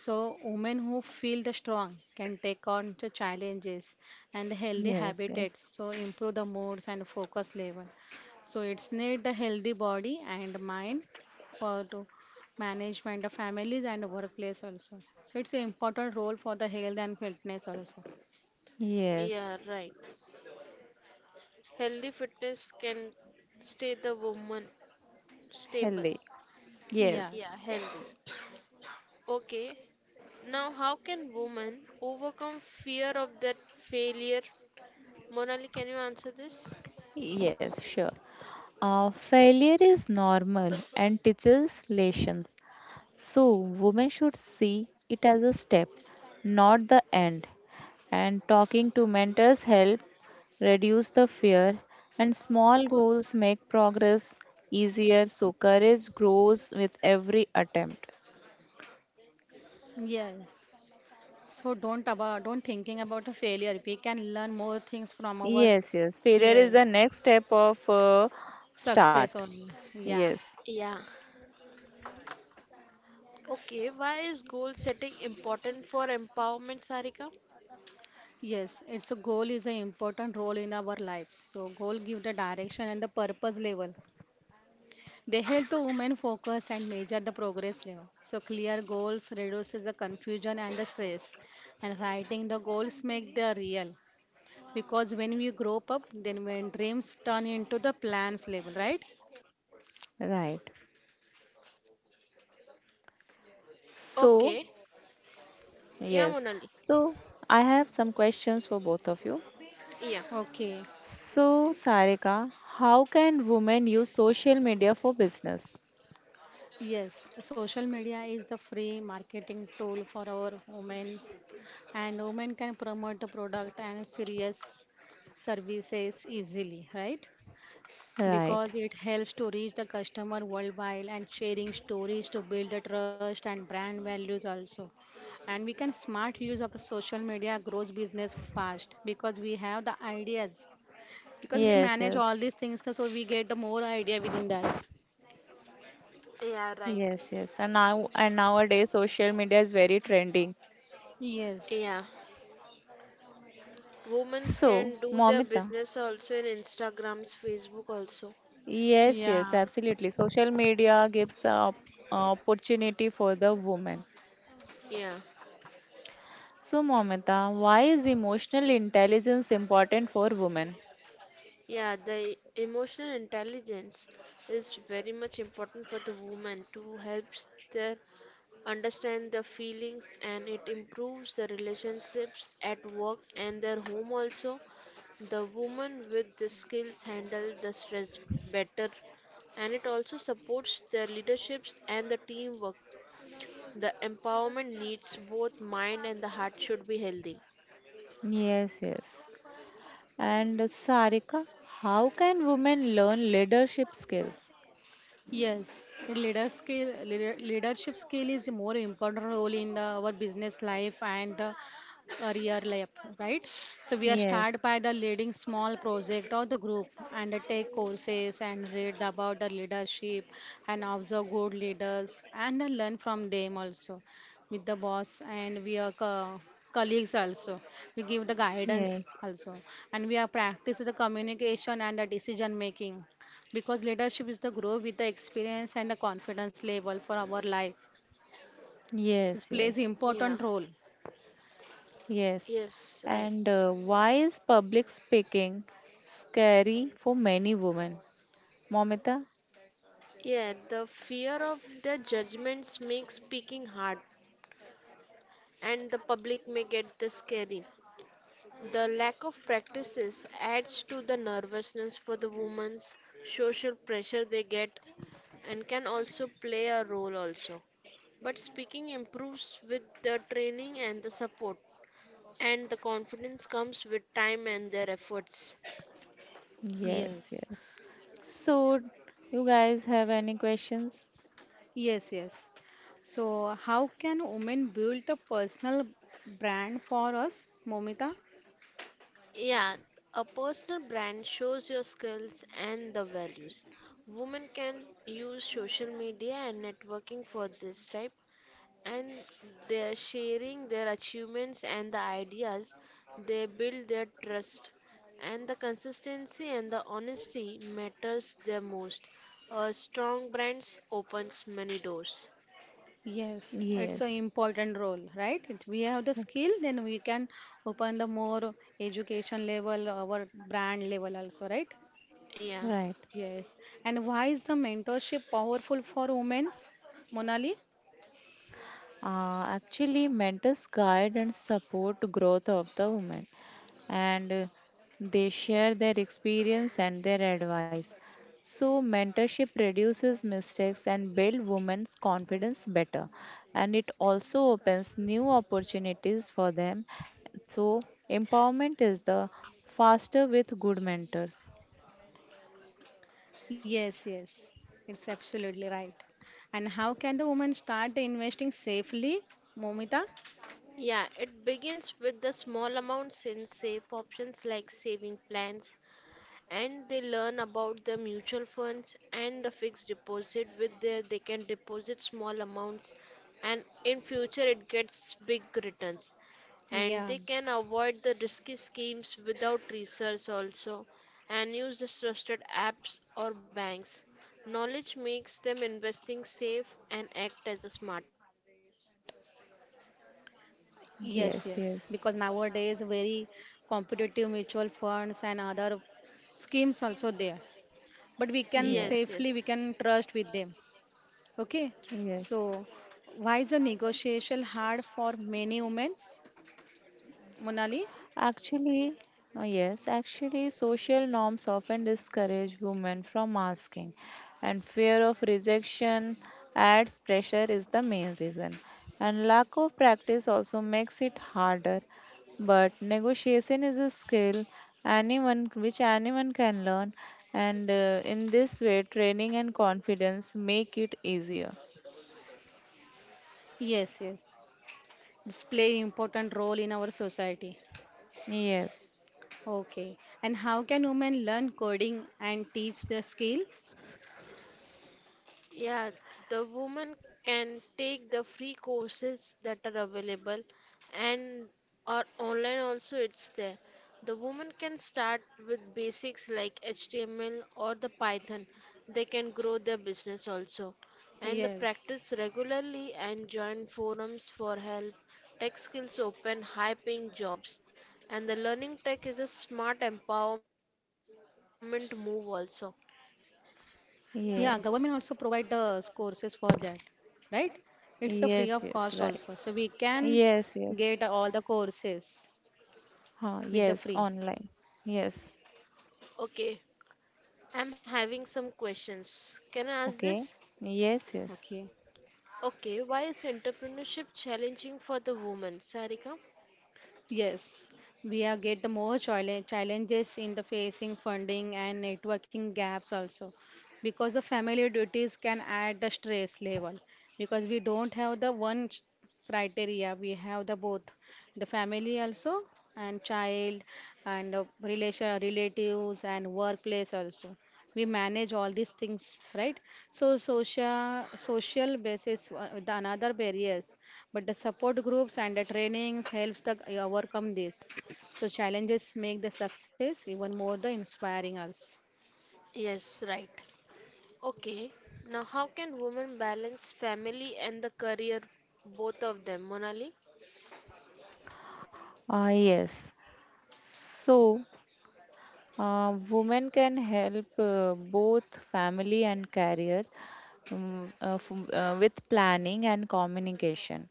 Speaker 2: So women who feel the strong can take on the challenges and the healthy
Speaker 1: yes, yes,
Speaker 2: habitats so improve the moods and focus level, so it's need the healthy body and mind for to management of families and workplace also, so it's an important role for the health and fitness also.
Speaker 3: Yeah,
Speaker 1: yes.
Speaker 3: right. Healthy fitness can stay the woman stable.
Speaker 1: Healthy. Yes,
Speaker 3: Yeah,
Speaker 2: Yes.
Speaker 3: healthy. Okay. Now, how can women overcome fear of that failure? Monali, can you answer this?
Speaker 1: yes, sure. Failure is normal and teaches lessons. So, women should see it as a step, not the end. And talking to mentors help reduce the fear, and small goals make progress easier. So, courage grows with every attempt.
Speaker 2: Yes. So don't thinking about a failure. We can learn more things from our,
Speaker 1: Yes, yes. Failure is the
Speaker 2: yes,
Speaker 1: next step of start.
Speaker 2: success only. Yeah.
Speaker 1: Yes,
Speaker 3: Yeah. Okay, why is goal setting important for empowerment, Sarika?
Speaker 2: Yes. It's a goal is an important role in our lives. So goal give the direction and the purpose level. They help the women focus and measure the progress level. So clear goals reduces the confusion and the stress. And writing the goals make the real. Because when we grow up, then when dreams turn into the plans level, right?
Speaker 1: right. So,
Speaker 3: Okay. Yeah,
Speaker 1: yes.
Speaker 3: Monali.
Speaker 1: So, I have some questions for both of you.
Speaker 3: Yeah.
Speaker 2: Okay.
Speaker 1: So, Sarika, how can women use social media for business?
Speaker 2: Yes, social media is the free marketing tool for our women, and women can promote the product and serious services easily, right?
Speaker 1: Right.
Speaker 2: Because it helps to reach the customer worldwide and sharing stories to build the trust and brand values also. And we can smart use of the social media grows business fast because we have the ideas, because we
Speaker 1: Yes,
Speaker 2: manage all
Speaker 1: yes.
Speaker 2: these things so we get the more idea within that.
Speaker 1: Yes,
Speaker 3: Yeah,
Speaker 1: yes. And
Speaker 3: right.
Speaker 1: now and nowadays social media is very trending.
Speaker 2: Yes.
Speaker 3: Yeah.
Speaker 1: So,
Speaker 3: Women can do
Speaker 1: Momita.
Speaker 3: their business also in Instagrams, Facebook also.
Speaker 1: Yes, yes,
Speaker 2: Yeah.
Speaker 1: absolutely. Social media gives a opportunity for the woman.
Speaker 3: Yeah.
Speaker 1: So, Momita, why is emotional intelligence important for women?
Speaker 3: Yeah, the emotional intelligence is very much important for the woman to helps their understand their feelings, and it improves the relationships at work and their home also. The woman with the skills handle the stress better, and it also supports their leaderships and the teamwork. The empowerment needs both mind and the heart should be healthy.
Speaker 1: Yes, yes. And Sarika, how can women learn leadership skills?
Speaker 2: Yes, leadership skill is a more important role in the, our business life and the career life, right? So we are
Speaker 1: Yes,
Speaker 2: start by the leading small project or the group and the take courses and read about the leadership and observe good leaders and then learn from them also with the boss and we are colleagues also. We give the guidance
Speaker 1: yes,
Speaker 2: also and we are practice the communication and the decision making because leadership is the grow with the experience and the confidence level for our life. It
Speaker 1: yes,
Speaker 2: plays
Speaker 1: yes,
Speaker 3: Yeah.
Speaker 2: important role.
Speaker 1: yes.
Speaker 3: Yes, right.
Speaker 1: And why is public speaking scary for many women? Momita?
Speaker 3: Yeah, the fear of the judgments makes speaking hard and the public may get the scary. The lack of practices adds to the nervousness for the women's social pressure they get and can also play a role also. But speaking improves with the training and the support, and the confidence comes with time and their efforts.
Speaker 1: Yes,
Speaker 2: Yes.
Speaker 1: yes. So, you guys have any questions?
Speaker 2: Yes, yes, so how can women build a personal brand for us, Momita?
Speaker 3: Yeah, a personal brand shows your skills and the values. Women can use social media and networking for this type, and they're sharing their achievements and the ideas. They build their trust, and the consistency and the honesty matters the most. A strong brand opens many doors.
Speaker 2: Yes, it's an
Speaker 1: Yes,
Speaker 2: important role, right? If we have the skill, then we can open the more education level, our brand level also, right?
Speaker 3: Yeah.
Speaker 1: right.
Speaker 2: Yes. And why is the mentorship powerful for women, Monali?
Speaker 1: Actually, mentors guide and support growth of the women, and they share their experience and their advice. So, mentorship reduces mistakes and build women's confidence better, and it also opens new opportunities for them. So, empowerment is the faster with good mentors.
Speaker 2: Yes, yes, it's absolutely right. And how can the woman start investing safely, Momita?
Speaker 3: Yeah, it begins with the small amounts in safe options like saving plans, and they learn about the mutual funds and the fixed deposit with there, they can deposit small amounts, and in future it gets big returns, and
Speaker 2: Yeah,
Speaker 3: they can avoid the risky schemes without research also, and use the trusted apps or banks. Knowledge makes them investing safe and act as a smart.
Speaker 2: yes, yes, because
Speaker 1: Yes, yes,
Speaker 2: nowadays very competitive mutual funds and other schemes also there. But we
Speaker 3: Yes,
Speaker 2: can
Speaker 3: yes.
Speaker 2: safely, we
Speaker 1: yes,
Speaker 2: can trust with them. Okay,
Speaker 1: yes.
Speaker 2: so why is the negotiation hard for many women, Monali?
Speaker 1: Actually, yes, actually, social norms often discourage women from asking, and fear of rejection adds pressure is the main reason. And lack of practice also makes it harder. But negotiation is a skill anyone can learn, and in this way, training and confidence make it easier.
Speaker 2: Yes, yes. It's play important role in our society.
Speaker 1: Yes,
Speaker 2: Okay. And how can women learn coding and teach the skill?
Speaker 3: Yeah, the woman can take the free courses that are available and are online also it's there. The woman can start with basics like HTML or the Python. They can grow their business also, and the
Speaker 2: Yes.
Speaker 3: practice regularly and join forums for help, tech skills open, high paying jobs. And the learning tech is a smart empowerment move also.
Speaker 2: Yeah, government also provide
Speaker 1: yes,
Speaker 2: the courses for that, right? It's the free of
Speaker 1: yes,
Speaker 2: cost
Speaker 1: yes,
Speaker 2: also. So
Speaker 1: right.
Speaker 2: we can
Speaker 1: Yes,
Speaker 2: get
Speaker 1: yes.
Speaker 2: all the courses with the free.
Speaker 1: Yes, online. Yes.
Speaker 3: Okay, I'm having some questions. Can I ask this?
Speaker 1: Okay. Yes, yes.
Speaker 2: Okay.
Speaker 3: Okay, why is entrepreneurship challenging for the woman, Sarika?
Speaker 2: Yes, we are get more challenges in the facing funding and networking gaps also because the family duties can add the stress level, because we don't have the one criteria, we have the both the family also and child and relation relatives and workplace also, we manage all these things, right? So social basis the another barriers, but the support groups and the trainings helps the overcome this, so challenges make the success even more the inspiring us.
Speaker 3: Yes, right. Okay, now how can women balance family and the career, both of them, Monali?
Speaker 1: Ah, yes. So, Women can help both family and career, with planning and communication.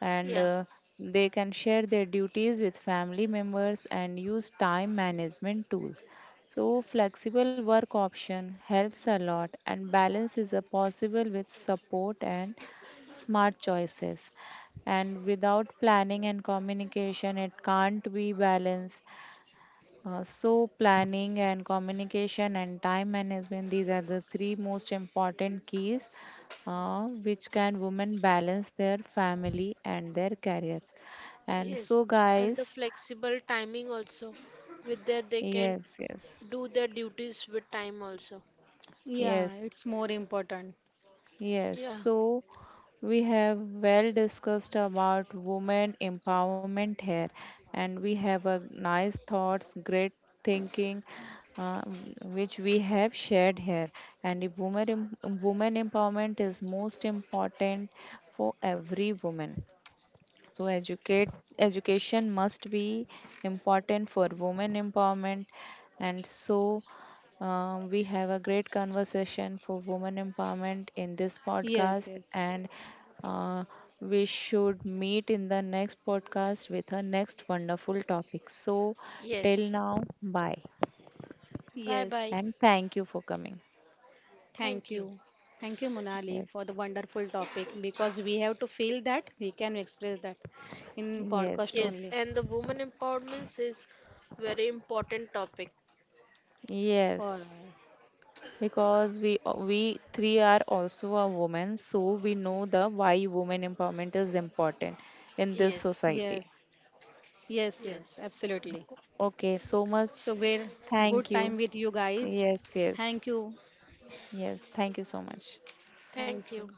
Speaker 1: And
Speaker 3: Yeah,
Speaker 1: uh, they can share their duties with family members and use time management tools. So, flexible work option helps a lot, and balance is a possible with support and smart choices, and without planning and communication it can't be balanced. So, planning and communication and time management, these are the three most important keys which can women balance their family and their careers. And so,
Speaker 3: yes, and the
Speaker 1: guys,
Speaker 3: flexible timing also. With that, they can
Speaker 1: yes, yes,
Speaker 3: do their duties with time also.
Speaker 2: Yeah,
Speaker 1: yes.
Speaker 2: it's more important.
Speaker 1: Yes,
Speaker 3: Yeah,
Speaker 1: so we have well discussed about women empowerment here, and we have a nice thoughts, great thinking, uh, which we have shared here. And if women empowerment is most important for every woman. So educate education must be important for women empowerment, and so we have a great conversation for women empowerment in this
Speaker 2: Yes,
Speaker 1: podcast,
Speaker 2: yes,
Speaker 1: and uh, we should meet in the next podcast with our next wonderful topic. So till
Speaker 3: yes.
Speaker 1: now, bye
Speaker 3: Bye
Speaker 2: yes.
Speaker 3: bye.
Speaker 1: and thank you for coming.
Speaker 2: Thank
Speaker 3: Thank you.
Speaker 2: you. Thank you, Monali, for the
Speaker 1: Yes,
Speaker 2: wonderful topic because we have to feel that we can express that in
Speaker 1: yes,
Speaker 2: podcast
Speaker 1: yes,
Speaker 3: Yes,
Speaker 2: only.
Speaker 3: and the woman empowerment is very important topic.
Speaker 2: For
Speaker 1: yes. Because we three are also a woman, so we know the why women empowerment is important in this
Speaker 3: Yes,
Speaker 1: society.
Speaker 2: yes, yes, yes,
Speaker 3: yes.
Speaker 2: absolutely.
Speaker 1: Okay, so much,
Speaker 2: So, we're
Speaker 1: thank
Speaker 2: good
Speaker 1: you.
Speaker 2: time with you guys.
Speaker 1: Yes, yes,
Speaker 2: Thank you.
Speaker 1: yes, thank you so much.
Speaker 3: Thank
Speaker 2: Thank
Speaker 3: you.
Speaker 2: you.